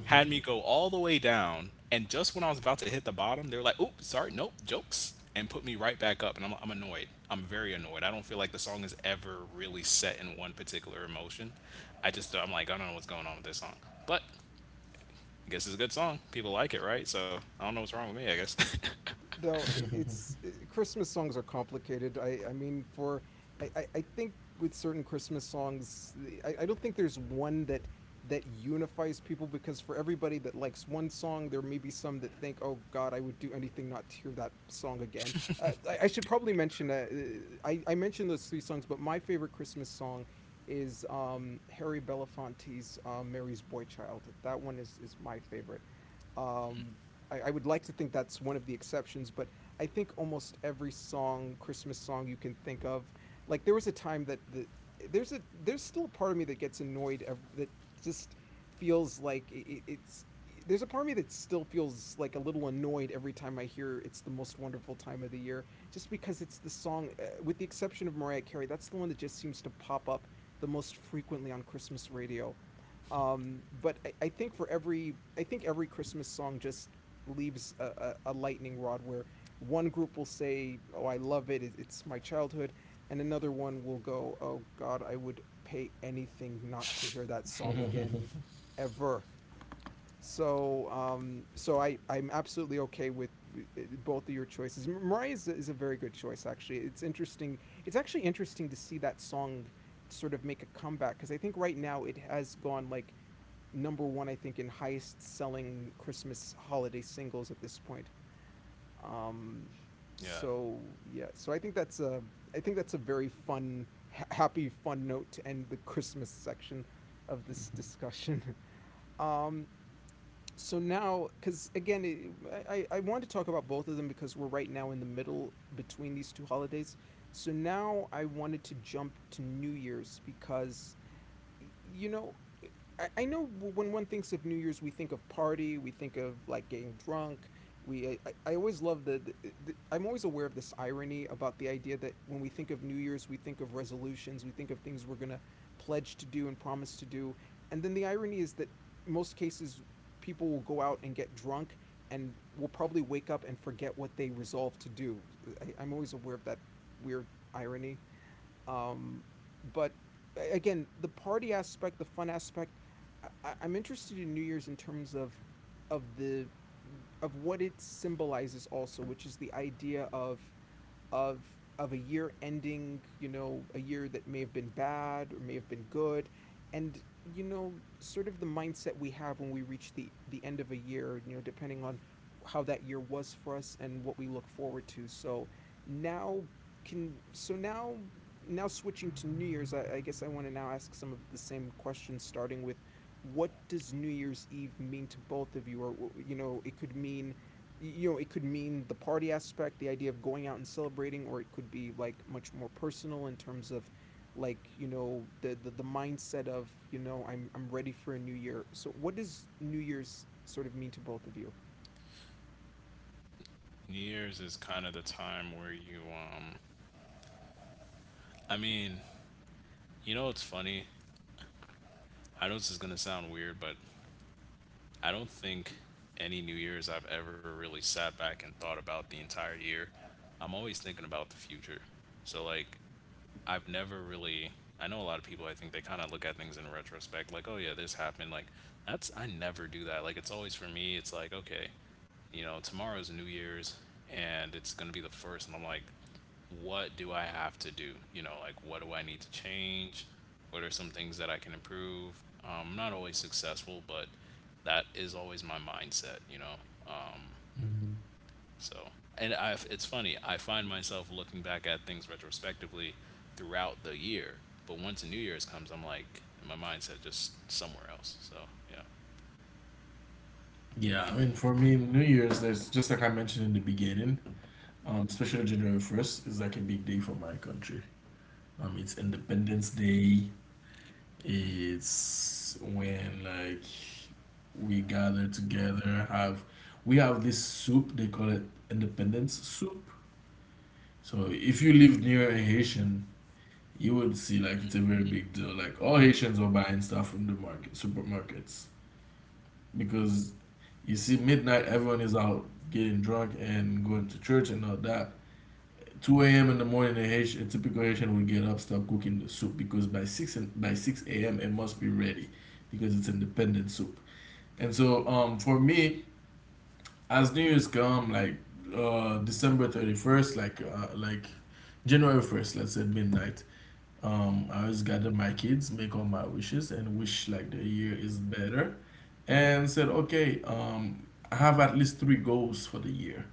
had me go all the way down, and just when I was about to hit the bottom, they were like, "Oops, sorry, nope, jokes," and put me right back up, and I'm annoyed. I'm very annoyed. I don't feel like the song is ever really set in one particular emotion. I'm like, I don't know what's going on with this song, but I guess it's a good song. People like it, right? So I don't know what's wrong with me, I guess.
No, it's it- Christmas songs are complicated. I mean for I think with certain Christmas songs, I don't think there's one that that unifies people because for everybody that likes one song, there may be some that think, "Oh God, I would do anything not to hear that song again." I should probably mention I mentioned those three songs, but my favorite Christmas song is Harry Belafonte's "Mary's Boy Child." That one is my favorite. Um I, I would like to think that's one of the exceptions, but I think almost every song, Christmas song you can think of, like there was a time that the there's a there's still a part of me that gets annoyed ev- that just feels like it- it's there's a part of me that still feels like a little annoyed every time I hear it's the most wonderful time of the year just because it's the song, with the exception of Mariah Carey, that's the one that just seems to pop up the most frequently on Christmas radio. But I think for every, I think every Christmas song just leaves a lightning rod where one group will say, "Oh, I love it. It's my childhood," and another one will go, "Oh God, I would pay anything not to hear that song again, ever." So I'm absolutely okay with both of your choices. Mariah is a very good choice, actually. It's interesting. It's actually interesting to see that song sort of make a comeback because I think right now it has gone like number one, I think, in highest selling Christmas holiday singles at this point. Um,
[LAUGHS] Yeah.
so yeah, so I think that's a I think that's a very fun, ha- happy, fun note to end the Christmas section of this discussion. [LAUGHS] Um, so now, because again, it, I want to talk about both of them because we're right now in the middle between these two holidays. So now I wanted to jump to New Year's because you know, I know when one thinks of New Year's, we think of party, we think of like getting drunk. We, I always love the, I'm always aware of this irony about the idea that when we think of New Year's, we think of resolutions, we think of things we're going to pledge to do and promise to do. And then the irony is that most cases, people will go out and get drunk and will probably wake up and forget what they resolved to do. I'm always aware of that weird irony. Um, but again, the party aspect, the fun aspect, I- I'm interested in New Year's in terms of the of what it symbolizes also, which is the idea of of a year ending, you know, a year that may have been bad or may have been good, and you know, sort of the mindset we have when we reach the end of a year, you know, depending on how that year was for us and what we look forward to. So now can so now now switching to New Year's, I guess I want to now ask some of the same questions, starting with what does New Year's Eve mean to both of you? Or you know, it could mean you know, it could mean the party aspect, the idea of going out and celebrating, or it could be like much more personal in terms of like, you know, the mindset of, you know, I'm ready for a new year. So what does New Year's sort of mean to both of you?
New Year's is kind of the time where you. I mean, you know, it's funny. I know this is gonna sound weird, but I don't think any New Year's I've ever really sat back and thought about the entire year. I'm always thinking about the future. So, like, I've never really. I know a lot of people, I think they kind of look at things in retrospect, like, oh, yeah, this happened. Like, that's. I never do that. Like, it's always for me, it's like, okay, you know, tomorrow's New Year's and it's going to be the first. And I'm like, what do I have to do? You know, like what do I need to change? What are some things that I can improve? I'm not always successful, but that is always my mindset, you know? Um,
Hmm.
so, and I, it's funny, I find myself looking back at things retrospectively throughout the year. But once New Year's comes, I'm like, my mindset just somewhere else. So, yeah.
Yeah, I mean, for me, New Year's, there's just like I mentioned in the beginning, especially January 1st is like a big day for my country. It's Independence Day. It's when like we gather together, have, we have this soup, they call it independence soup. So if you live near a Haitian, you would see like it's a very big deal. Like all Haitians were buying stuff from the market, supermarkets. Because you see midnight everyone is out getting drunk and going to church and all that. 2 a.m. in the morning, a, H, a typical Haitian will get up, start cooking the soup because by 6 by 6 a.m. it must be ready because it's independent soup. And so for me, as New Year's come, like December 31st, like January 1st, let's say midnight, I always gather my kids, make all my wishes, and wish like the year is better. And said, okay, I have at least 3 goals for the year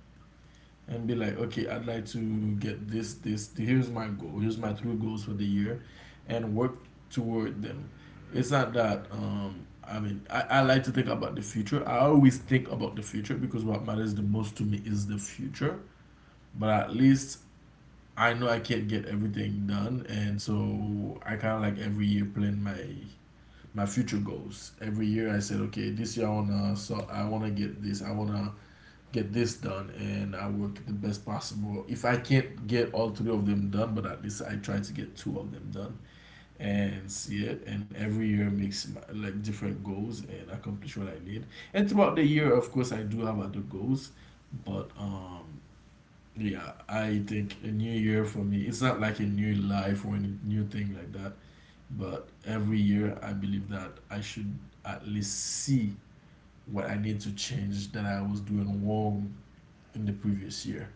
and be like, okay, I'd like to get this, this. Here's my goal. Here's my 3 goals for the year, and work toward them. It's not that. I mean, I like to think about the future. I always think about the future because what matters the most to me is the future. But at least I know I can't get everything done, and so I kind of like every year plan my future goals. Every year I said, okay, this year I wanna get this. I wanna get this done and I work the best possible. If I can't get all 3 of them done, but at least I try to get 2 of them done and see it. And every year makes my, like different goals and accomplish what I need. And throughout the year, of course, I do have other goals, but yeah, I think a new year for me. It's not like a new life or any new thing like that. But every year, I believe that I should at least see what I need to change that I was doing wrong in the previous year.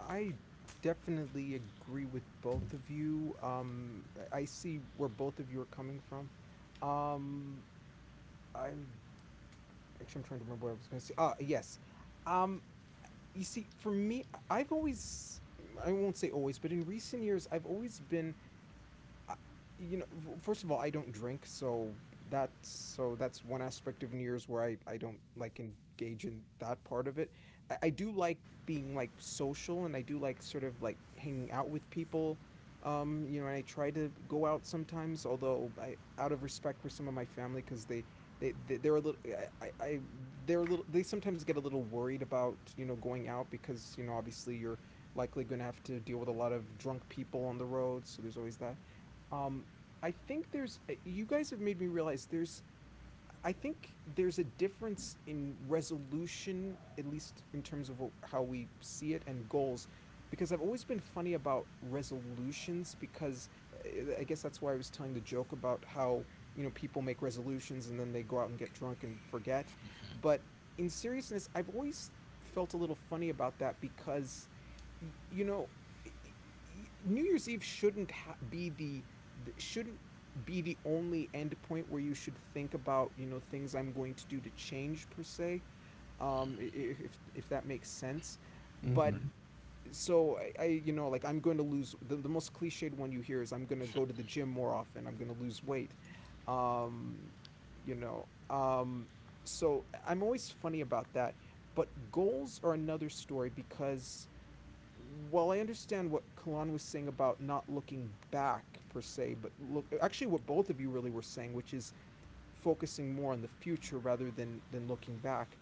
I definitely agree with both of you. I- see where both of you are coming from. Um I actually I'm trying to remember what I was gonna say. Ah, yes. Um you see, for me, I- have always, I won't say always, but in recent years, I've always been you know first of all I don't drink so that's one aspect of new year's where I don't like engage in that part of it I do like being like social and I do like sort of like hanging out with people you know and I try to go out sometimes although I out of respect for some of my family because they they they're a little I they're a little they sometimes get a little worried about you know going out because you know obviously you're likely going to have to deal with a lot of drunk people on the road so there's always that um, I think there's you guys have made me realize there's I think there's a difference in resolution, at least in terms of how we see it and goals, because I've always been funny about resolutions. Because I guess that's why I was telling the joke about how you know people make resolutions and then they go out and get drunk and forget. But in seriousness, I've always felt a little funny about that because you know. New Year's Eve shouldn't ha- be the th- shouldn't be the only end point where you should think about you know things I'm going to do to change per se I- if that makes sense but
Right.
Mm-hmm.
so I you know like I'm going to lose the most cliched one you hear is I'm going to go to the gym more often I'm going to lose weight um you know so I'm always funny about that but goals are another story because while I understand what Kalan was saying about not looking back per se, but look actually what both of you really were saying, which is focusing more on the future rather than looking back.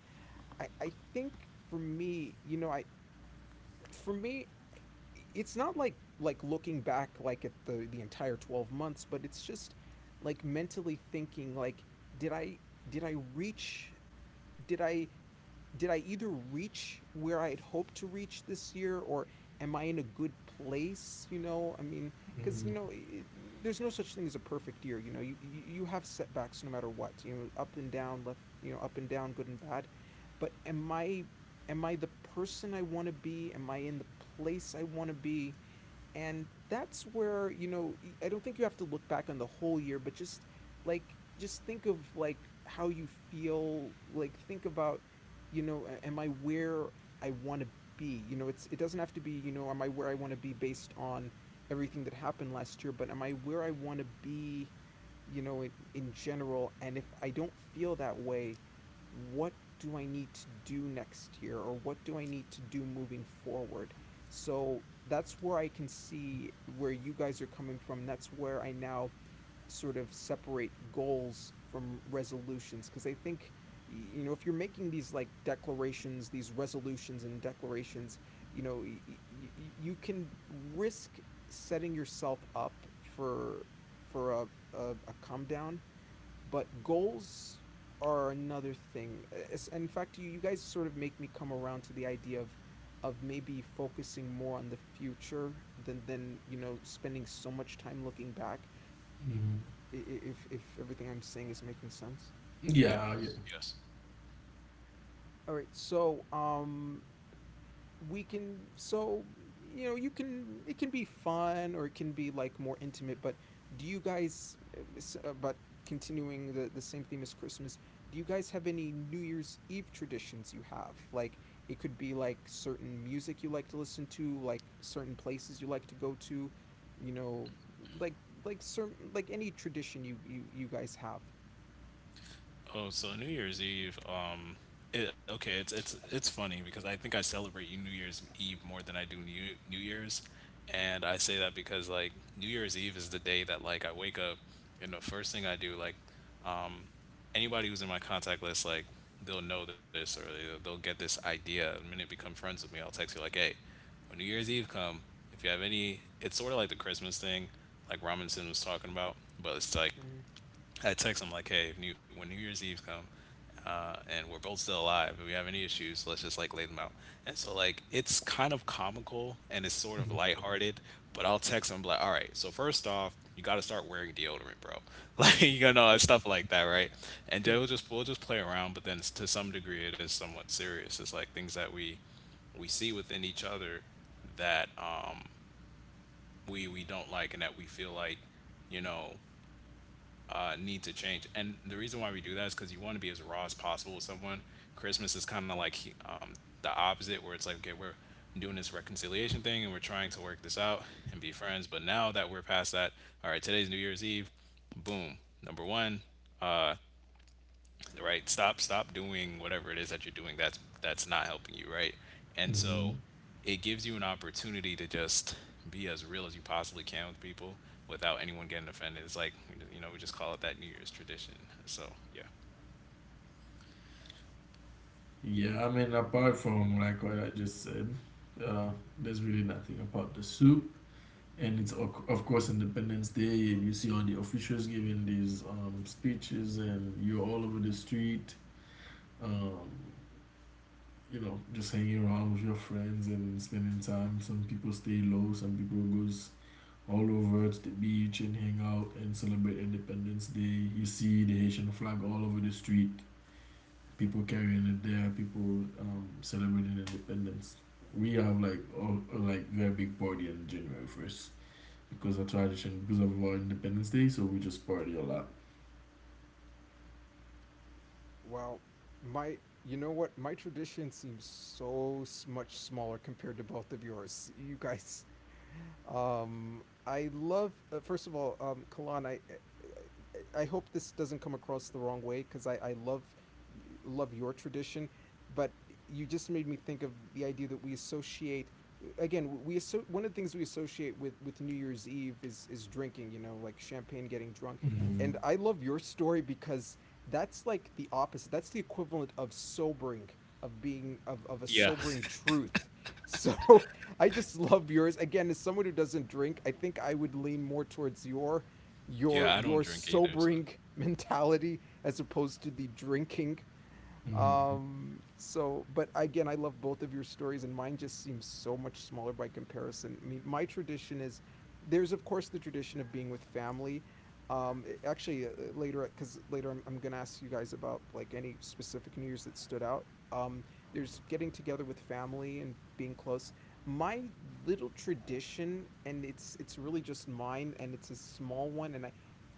I think for me, you know, I for me it's not like like looking back like at the entire 12 months, but it's just like mentally thinking like did I did I reach did I did I either reach where I had hoped to reach this year or am I in a good place? You know, I mean, because, you know, it, there's no such thing as a perfect year. You know, you have setbacks no matter what, you know, up and down, left, you know, up and down, good and bad. But am I. Am I the person I want to be? Am I in the place I want to be? And that's where, you know, y- I don't think you have to look back on the whole year, but just like, just think of like how you feel, like, think about, you know, a- am I where I want to be? It doesn't have to be, am I where I want to be based on everything that happened last year, but am I where I want to be, you know, in general? And if I don't feel that way, what do I need to do next year or what do I need to do moving forward? So that's where I can see where you guys are coming from. That's where I now sort of separate goals from resolutions because I think you know if you're making these like declarations these resolutions and declarations you know you can risk setting yourself up for for a come down, but goals are another thing. In fact, you guys sort of make me come around to the idea of maybe focusing more on the future than you know spending so much time looking back.
Mm-hmm.
If everything I'm saying is making sense.
Yeah, yeah.
Yes. Yes.
All right, so we can you know you can it can be fun or it can be like more intimate, but do you guys but continuing the same theme as Christmas, do you guys have any New Year's Eve traditions? You have like, it could be like certain music you like to listen to, like certain places you like to go to, you know, like like certain, like any tradition you guys have?
Oh, so New Year's Eve. Okay, it's funny because I think I celebrate New Year's Eve more than I do New Year's, and I say that because like New Year's Eve is the day that like I wake up, and the first thing I do like, um, anybody who's in my contact list like they'll know this, or they'll get this idea. The minute they become friends with me, I'll text you like, hey, when New Year's Eve come, if you have any, it's sort of like the Christmas thing, like Robinson was talking about, but it's like
Mhm.
I text him like, hey, if new, when New Year's Eve come, and we're both still alive, if we have any issues, let's just like lay them out. And so like it's kind of comical and it's sort of
Mm-hmm.
lighthearted, but I'll text him and be like, all right, so first off, you got to start wearing deodorant, bro. [LAUGHS] Like you gonna know and stuff like that, right? And then we will
[LAUGHS]
just we'll just play around, but then it's- to some degree it is somewhat serious. It's like things that we see within each other that we don't like and that we feel like, you know, need to change. And the reason why we do that is because you want to be as raw as possible with someone. Christmas is kind of like, um, the opposite, where it's like, okay, we're doing this reconciliation thing and we're trying to work this out and be friends. But now that we're past that, all right, today's New Year's Eve. Boom. Number one, uh, right? Stop doing whatever it is that you're doing that's not helping you, right? And
Mm-hmm.
so it gives you an opportunity to just be as real as you possibly can with people without anyone getting offended. It's like, you know, we just call it that New Year's tradition. So, yeah.
Yeah, I mean, apart from like what I just said, uh, there's really nothing about the soup. And it's of course Independence Day. You see all the officials giving these speeches, and you're all over the street. Um, you know, just hanging around with your friends and spending time. Some people stay low, some people goes all over to the beach and hang out and celebrate Independence Day. You see the Haitian flag all over the street, people carrying it there, people celebrating independence. We have like all, like very big party on January 1st because of tradition, because of our Independence Day. So we just party a lot.
Wow, my you know what? My tradition seems so much smaller compared to both of yours. You guys, I love first of all, Kalan. I hope this doesn't come across the wrong way because I love love your tradition, but you just made me think of the idea that we associate again we one of the things we associate with New Year's Eve is drinking. You know, like champagne, getting drunk,
Mm-hmm.
and I love your story because that's like the opposite. That's the equivalent of sobering of a
Yeah.
sobering
[LAUGHS]
truth. So [LAUGHS] I just love yours. Again, as someone who doesn't drink, I think I would lean more towards your
Yeah,
your
I don't
your
drink either, so
sobering [LAUGHS] mentality as opposed to the drinking
Mm-hmm.
so, but again, I love both of your stories, and mine just seems so much smaller by comparison. I mean, my tradition is there's, of course, the tradition of being with family. Actually, later, because later I'm gonna ask you guys about like any specific New Year's that stood out. Um, there's getting together with family and being close. My little tradition, and it's really just mine, and it's a small one,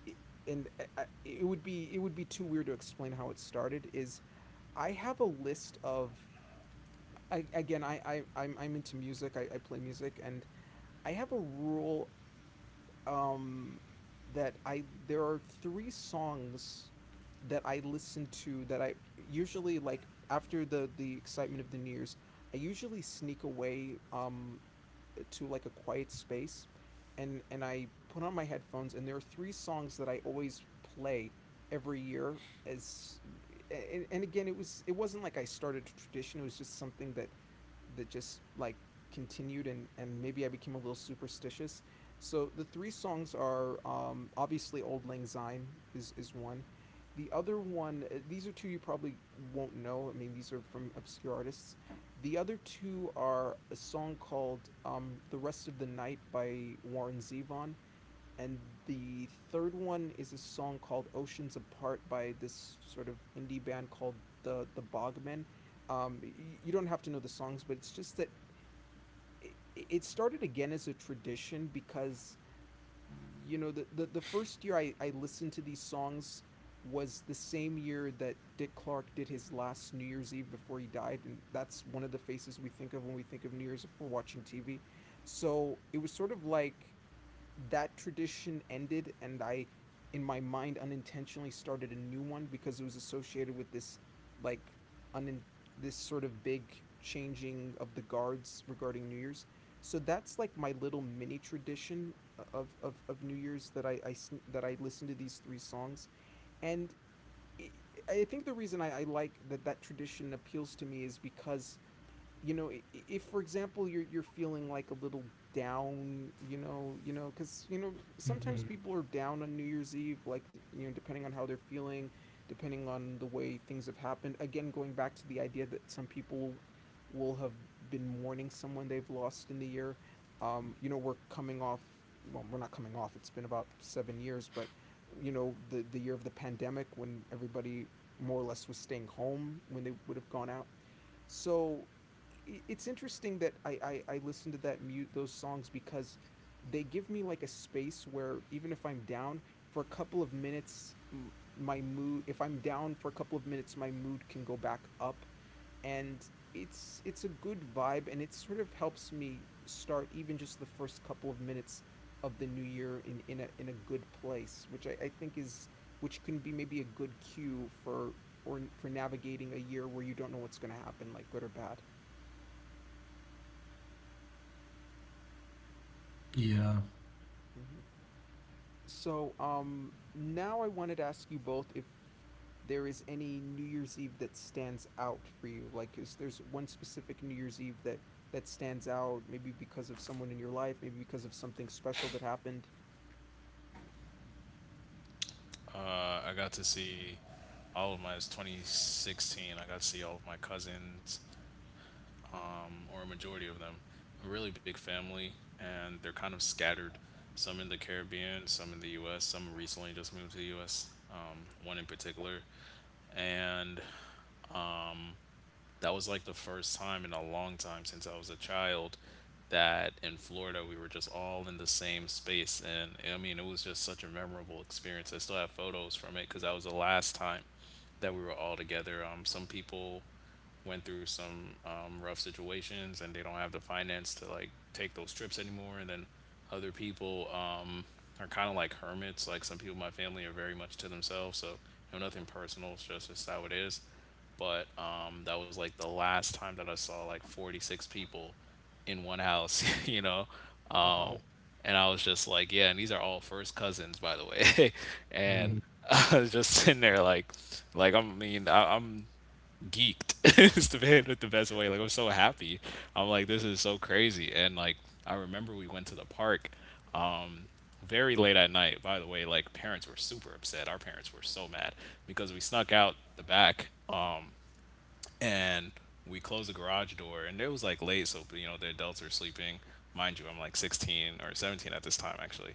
it- and I- it would be too weird to explain how it started. Is I have a list of again I'm into music. I play music, and I have a rule um that I there are 3 songs that I listen to that I usually like after the excitement of the New Year's, I usually sneak away to like a quiet space, and I put on my headphones and there are three songs that I always play every year as and again it was it wasn't like I started a tradition, it was just something that just like continued, and maybe I became a little superstitious. So the three songs are obviously Old Lang Syne is one. The other one these are two you probably won't know. I mean these are from obscure artists. The other two are a song called The Rest of the Night by Warren Zevon. And the third one is a song called Oceans Apart by this sort of indie band called the Bogmen. Um, you don't have to know the songs, but it's just that it started again as a tradition because you know the first year I listened to these songs was the same year that Dick Clark did his last New Year's Eve before he died, and that's one of the faces we think of when we think of New Year's if we're watching TV. So it was sort of like that tradition ended, and I in my mind unintentionally started a new one because it was associated with this like un this sort of big changing of the guards regarding New Year's. So that's like my little mini tradition of of New Year's that I that I listen to these 3 songs, and I I think the reason I like that that tradition appeals to me is because you know if for example you're feeling like a little down because you know
Mm-hmm.
sometimes people are down on New Year's Eve, like you know depending on how they're feeling, depending on the way things have happened, again going back to the idea that some people will have been mourning someone they've lost in the year, you know we're coming off, well we're not coming off, it's been about 7 years, but you know the year of the pandemic when everybody more or less was staying home when they would have gone out. So it's interesting that I listen to that mute those songs because they give me like a space where, even if I'm down for a couple of minutes, my mood if I'm down for a couple of minutes, my mood can go back up, and it's a good vibe, and it sort of helps me start even just the first couple of minutes of the new year in a in a good place, which I think is which can be maybe a good cue for or for navigating a year where you don't know what's going to happen, like good or bad.
Yeah.
Hmm. So, now I wanted to ask you both if there is any New Year's Eve that stands out for you. Like, is there's one specific New Year's Eve that stands out? Maybe because of someone in your life. Maybe because of something special that happened.
I got to see it's 2016. I got to see all of my cousins, or a majority of them, a really big family, and they're kind of scattered. Some in the Caribbean, some in the U.S., some recently just moved to the U.S. One in particular, and um, that was like the first time in a long time since I was a child that in Florida we were just all in the same space, and I mean it was just such a memorable experience. I still have photos from it because that was the last time that we were all together. Some people went through some rough situations and they don't have the finance to like take those trips anymore. And then other people are kind of like hermits. Like some people in my family are very much to themselves, so you know, nothing personal, it's just it's how it is. But that was like the last time that I saw like 46 people in one house. [LAUGHS] You know, um,
Wow.
and I was just like, yeah, and these are all first cousins, by the way. [LAUGHS] And
Mm-hmm.
I was just sitting there like I mean, I'm geeked, [LAUGHS] is the man with the best way. Like I'm so happy. I'm like, this is so crazy. And like I remember we went to the park, um, very late at night. By the way, like parents were super upset. Our parents were so mad because we snuck out the back. And we closed the garage door, and it was like late, so you know the adults are sleeping. Mind you, I'm like 16 or 17 at this time, actually,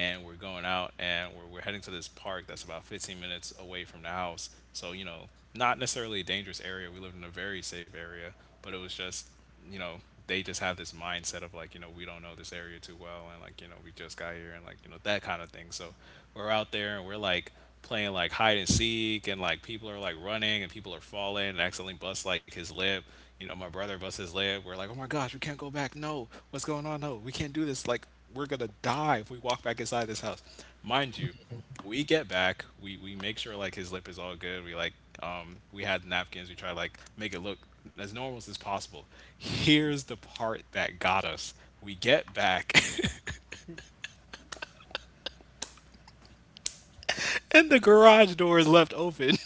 and we're going out and we're heading to this park that's about 15 minutes away from the house. So you know, not necessarily a dangerous area, we lived in a very safe area, but it was just, you know, they just have this mindset of like, you know, we don't know this area too well, and like, you know, we just got here, and like, you know, that kind of thing. So we're out there and we're like playing like hide and seek, and like people are like running and people are falling and accidentally bust like his lip. You know, my brother busts his lip, we're like, oh my gosh, we can't go back, no, what's going on, no, we can't do this, like we're gonna die if we walk back inside this house. Mind you, we get back, we make sure like his lip is all good, we like, we had napkins, we try to like make it look as normal as possible. Here's the part that got us. We get back, [LAUGHS] and the garage door is left open.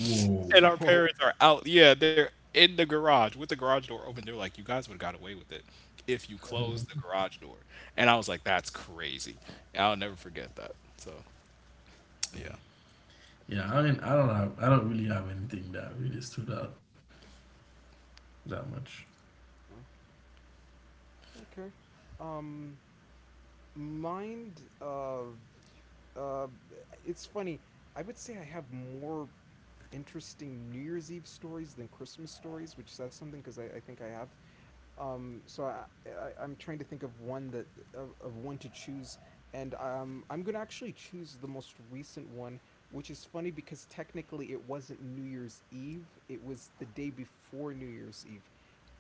Whoa.
[LAUGHS]
[LAUGHS]
And our
Whoa.
parents are out, yeah, they're in the garage with the garage door open, they're like, you guys would have got away with it if you closed the
Mm-hmm.
garage door. And I was like, that's crazy. And I'll never forget that, so yeah.
Yeah. I mean, I don't have, I don't really have anything that really stood out that much.
Uh, Okay. Um, mind. Uh, it's funny. I would say I have more interesting New Year's Eve stories than Christmas stories, which says something because I think I have so I'm trying to think of one that of one to choose, and I'm gonna actually choose the most recent one, which is funny because technically it wasn't New Year's Eve; it was the day before New Year's Eve,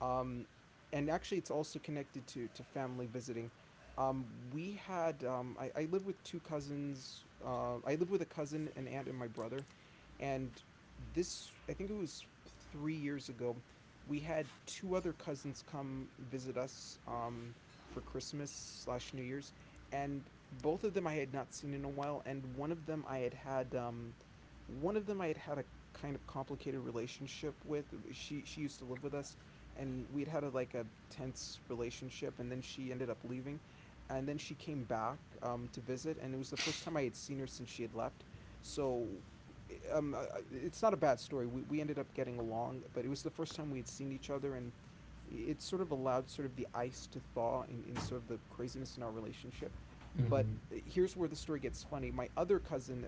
um, and actually it's also connected to family visiting. Um, we had I live with 2 cousins. I live with a cousin, an aunt, and my brother, and this I think it was 3 years ago we had 2 other cousins come visit us for Christmas slash New Year's, and both of them I had not seen in a while, and one of them I had had one of them I had had a kind of complicated relationship with. She used to live with us, and we had had like a tense relationship, and then she ended up leaving, and then she came back to visit, and it was the first time I had seen her since she had left. So um, uh, it's not a bad story. We ended up getting along, but it was the first time we had seen each other, and it sort of allowed sort of the ice to thaw in sort of the craziness in our relationship. But
Mm-hmm.
here's where the story gets funny. My other cousin,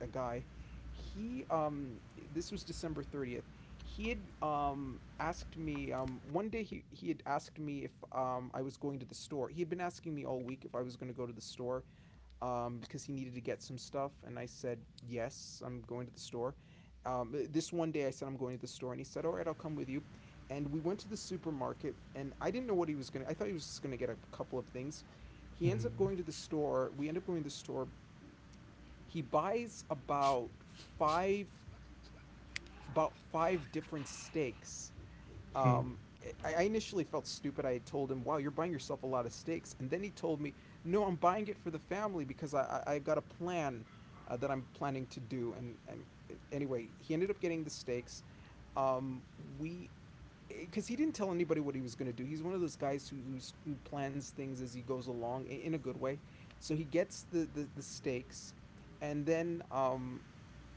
a guy, he this was December 30th. He had asked me one day he had asked me if I was going to the store. He had been asking me all week if I was going to go to the store because he needed to get some stuff. And I said, "Yes, I'm going to the store." This one day I said, "I'm going to the store." And he said, "All right, I'll come with you." And we went to the supermarket. And I didn't know what he was going to, I thought he was just going to get a couple of things. He ends up
Mm-hmm.
going to the store. We end up going to the store. He buys five about five different steaks um I initially felt stupid. I told him, "Wow, you're buying yourself a lot of steaks," and then he told me, "No, I'm buying it for the family because I got a plan that I'm planning to do." And anyway, he ended up getting the steaks. Um, we, because he didn't tell anybody what he was going to do. He's one of those guys who plans things as he goes along in a good way. So he gets the steaks, and then um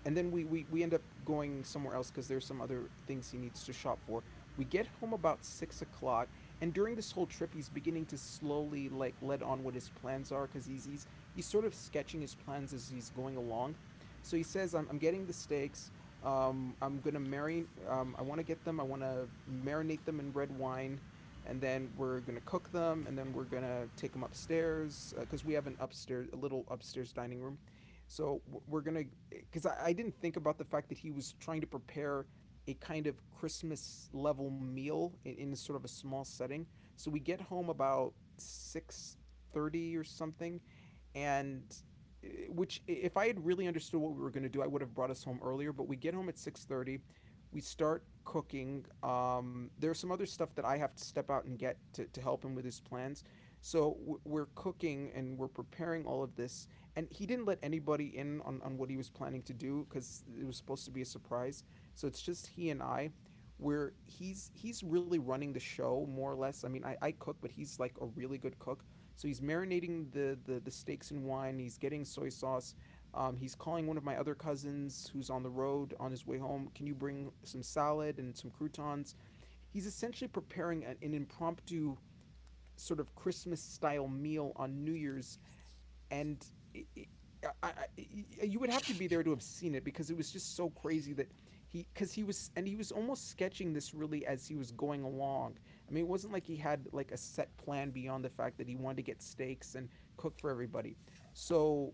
and then we end up going somewhere else because there's some other things he needs to shop for. We get home about 6 o'clock, and during this whole trip he's beginning to slowly like let on what his plans are because he's sort of sketching his plans as he's going along. So he says, I'm getting the steaks. I'm gonna marry, I want to get them, I want to marinate them in red wine, and then we're gonna cook them, and then we're gonna take them upstairs because we have an upstairs, a little upstairs dining room. So we're gonna, because I didn't think about the fact that he was trying to prepare a kind of Christmas level meal in sort of a small setting. So we get home about 6:30 or something, and which if I had really understood what we were going to do, I would have brought us home earlier. But we get home at 6:30. We start cooking. There's some other stuff that I have to step out and get to help him with his plans. So we're cooking and we're preparing all of this, and he didn't let anybody in on what he was planning to do because it was supposed to be a surprise. So it's just he and I, where he's really running the show more or less. I mean, I cook, but he's like a really good cook. So he's marinating the steaks in wine. He's getting soy sauce. He's calling one of my other cousins who's on the road on his way home. Can you bring some salad and some croutons? He's essentially preparing an impromptu sort of Christmas style meal on New Year's. And it, it, I, I, you would have to be there to have seen it because it was just so crazy that he because he was and he was almost sketching this really as he was going along. I mean, it wasn't like he had like a set plan beyond the fact that he wanted to get steaks and cook for everybody. so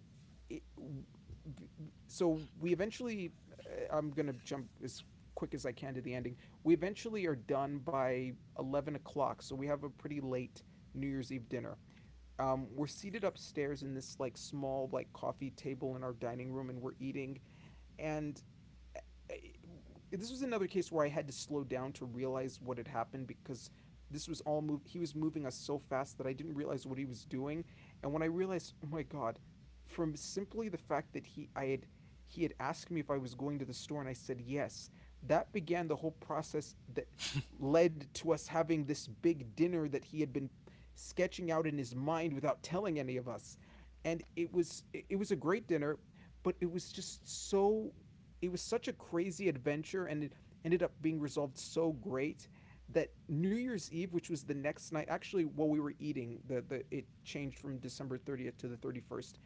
it, so we eventually, I'm gonna jump as quick as I can to the ending. We eventually are done by 11 o'clock, so we have a pretty late new year's eve dinner. We're seated upstairs in this like small like coffee table in our dining room and we're eating. And this was another case where I had to slow down to realize what had happened because this was all move he was moving us so fast that I didn't realize what he was doing. And when I realized, oh my god, from simply the fact that he had asked me if I was going to the store and I said yes, that began the whole process that led to us having this big dinner that he had been sketching out in his mind without telling any of us. And it was a great dinner, but it was just so, it was such a crazy adventure, and it ended up being resolved so great. That New Year's Eve, which was the next night, actually while we were eating, the it changed from December 30th to the 31st.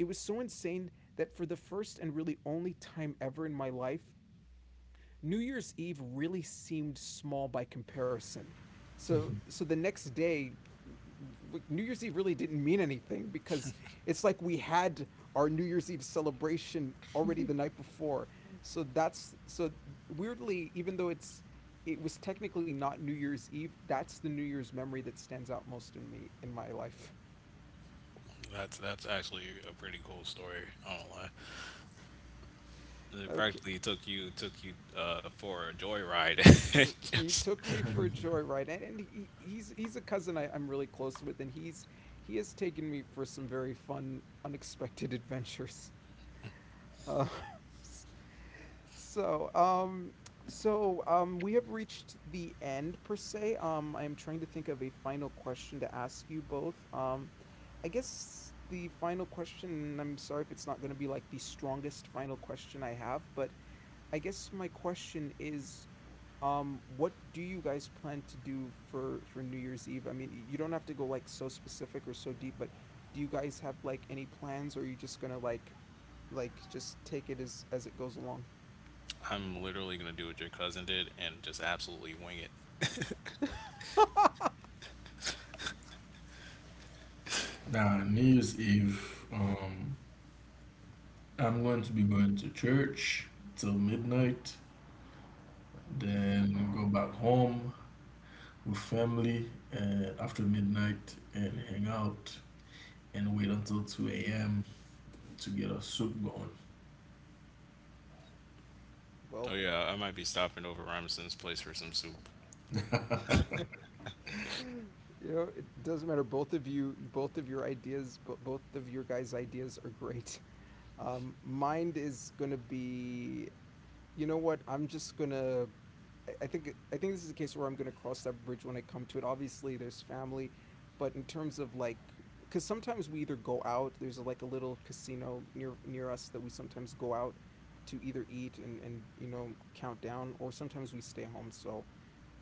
It was so insane that for the first and really only time ever in my life, New Year's Eve really seemed small by comparison. So
Mm-hmm.
the next day New Year's Eve really didn't mean anything because it's like we had our New Year's Eve celebration already the night before. So that's so, weirdly, even though it was technically not New Year's Eve, that's the New Year's memory that stands out most in me in my life. [LAUGHS]
That's actually a pretty cool story. I don't lie. It
Okay,
practically took you for a joyride. [LAUGHS]
he
Just-
took me for a
[LAUGHS]
joyride, and, he's a cousin I, I'm really close with, and he has taken me for some very fun unexpected [LAUGHS] adventures. uh, so um we have reached the end per se. I am trying to think of a final question to ask you both. I guess the final question, I'm sorry if it's not going to be like the strongest final question I have, but I guess my question is, what do you guys plan to do for New Year's Eve? I mean, you don't have to go like so specific or so deep, but do you guys have like any plans, or are you just gonna like just take it as it goes along?
I'm literally gonna do what your cousin did and just absolutely wing it.
[LAUGHS]
Now, New Year's Eve, I'm going to be going to church till midnight, then go back home with family and after midnight and hang out and wait until 2 a.m. to get our soup going.
Well,
Oh yeah, I might be stopping over Robinson's place for some soup.
[LAUGHS] you know, it doesn't matter. Both of you, both of your ideas, both of your guys' ideas are great. [LAUGHS] Mine is gonna be, you know what? I'm just gonna. I think this is a case where I'm gonna cross that bridge when I come to it. Obviously, there's family, but in terms of like, because sometimes we either go out. There's like a little casino near near us that we sometimes go out to either eat and you know count down, or sometimes we stay home. So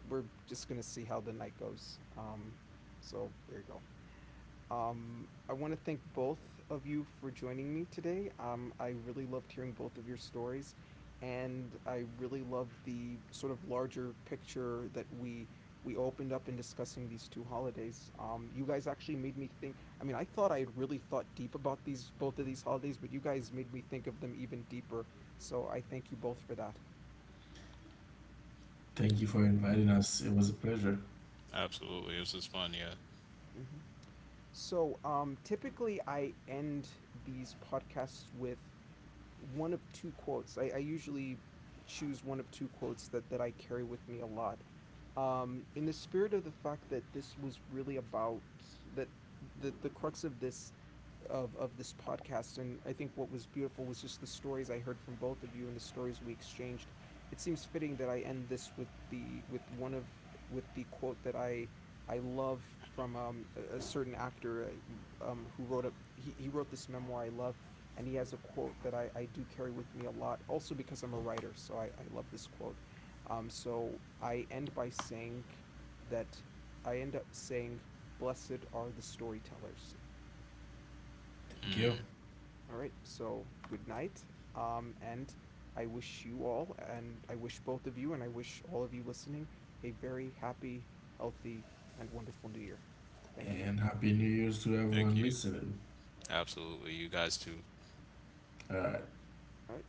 we're just gonna see how the night goes. So there you go. I want to thank both of you for joining me today. I really loved hearing both of your stories, and I really love the sort of larger picture that we opened up in discussing these two holidays. You guys actually made me think. I mean, I thought I had really thought deep about these both of these holidays, but you guys made me think of them even deeper. So I thank you both for that.
Thank you for inviting us. It was a pleasure.
Absolutely, this was fun. Yeah,
hmm So typically, I end these podcasts with one of two quotes. I usually choose one of two quotes that, that I carry with me a lot. In the spirit of the fact that this was really about that the crux of this of this podcast, and I think what was beautiful was just the stories I heard from both of you and the stories we exchanged. It seems fitting that I end this with the with one of with the quote that I love from a certain actor, who wrote a he wrote this memoir I love, and he has a quote that I do carry with me a lot also because I'm a writer, so I love this quote. So I end by saying that I end up saying, blessed are the storytellers.
Thank you.
All right. So good night. And I wish you all, and I wish both of you, and I wish all of you listening, a very happy, healthy, and wonderful new year. Thank you.
And Happy New Year's to everyone
thank you.
listening.
Absolutely, you guys too.
All right.
All right.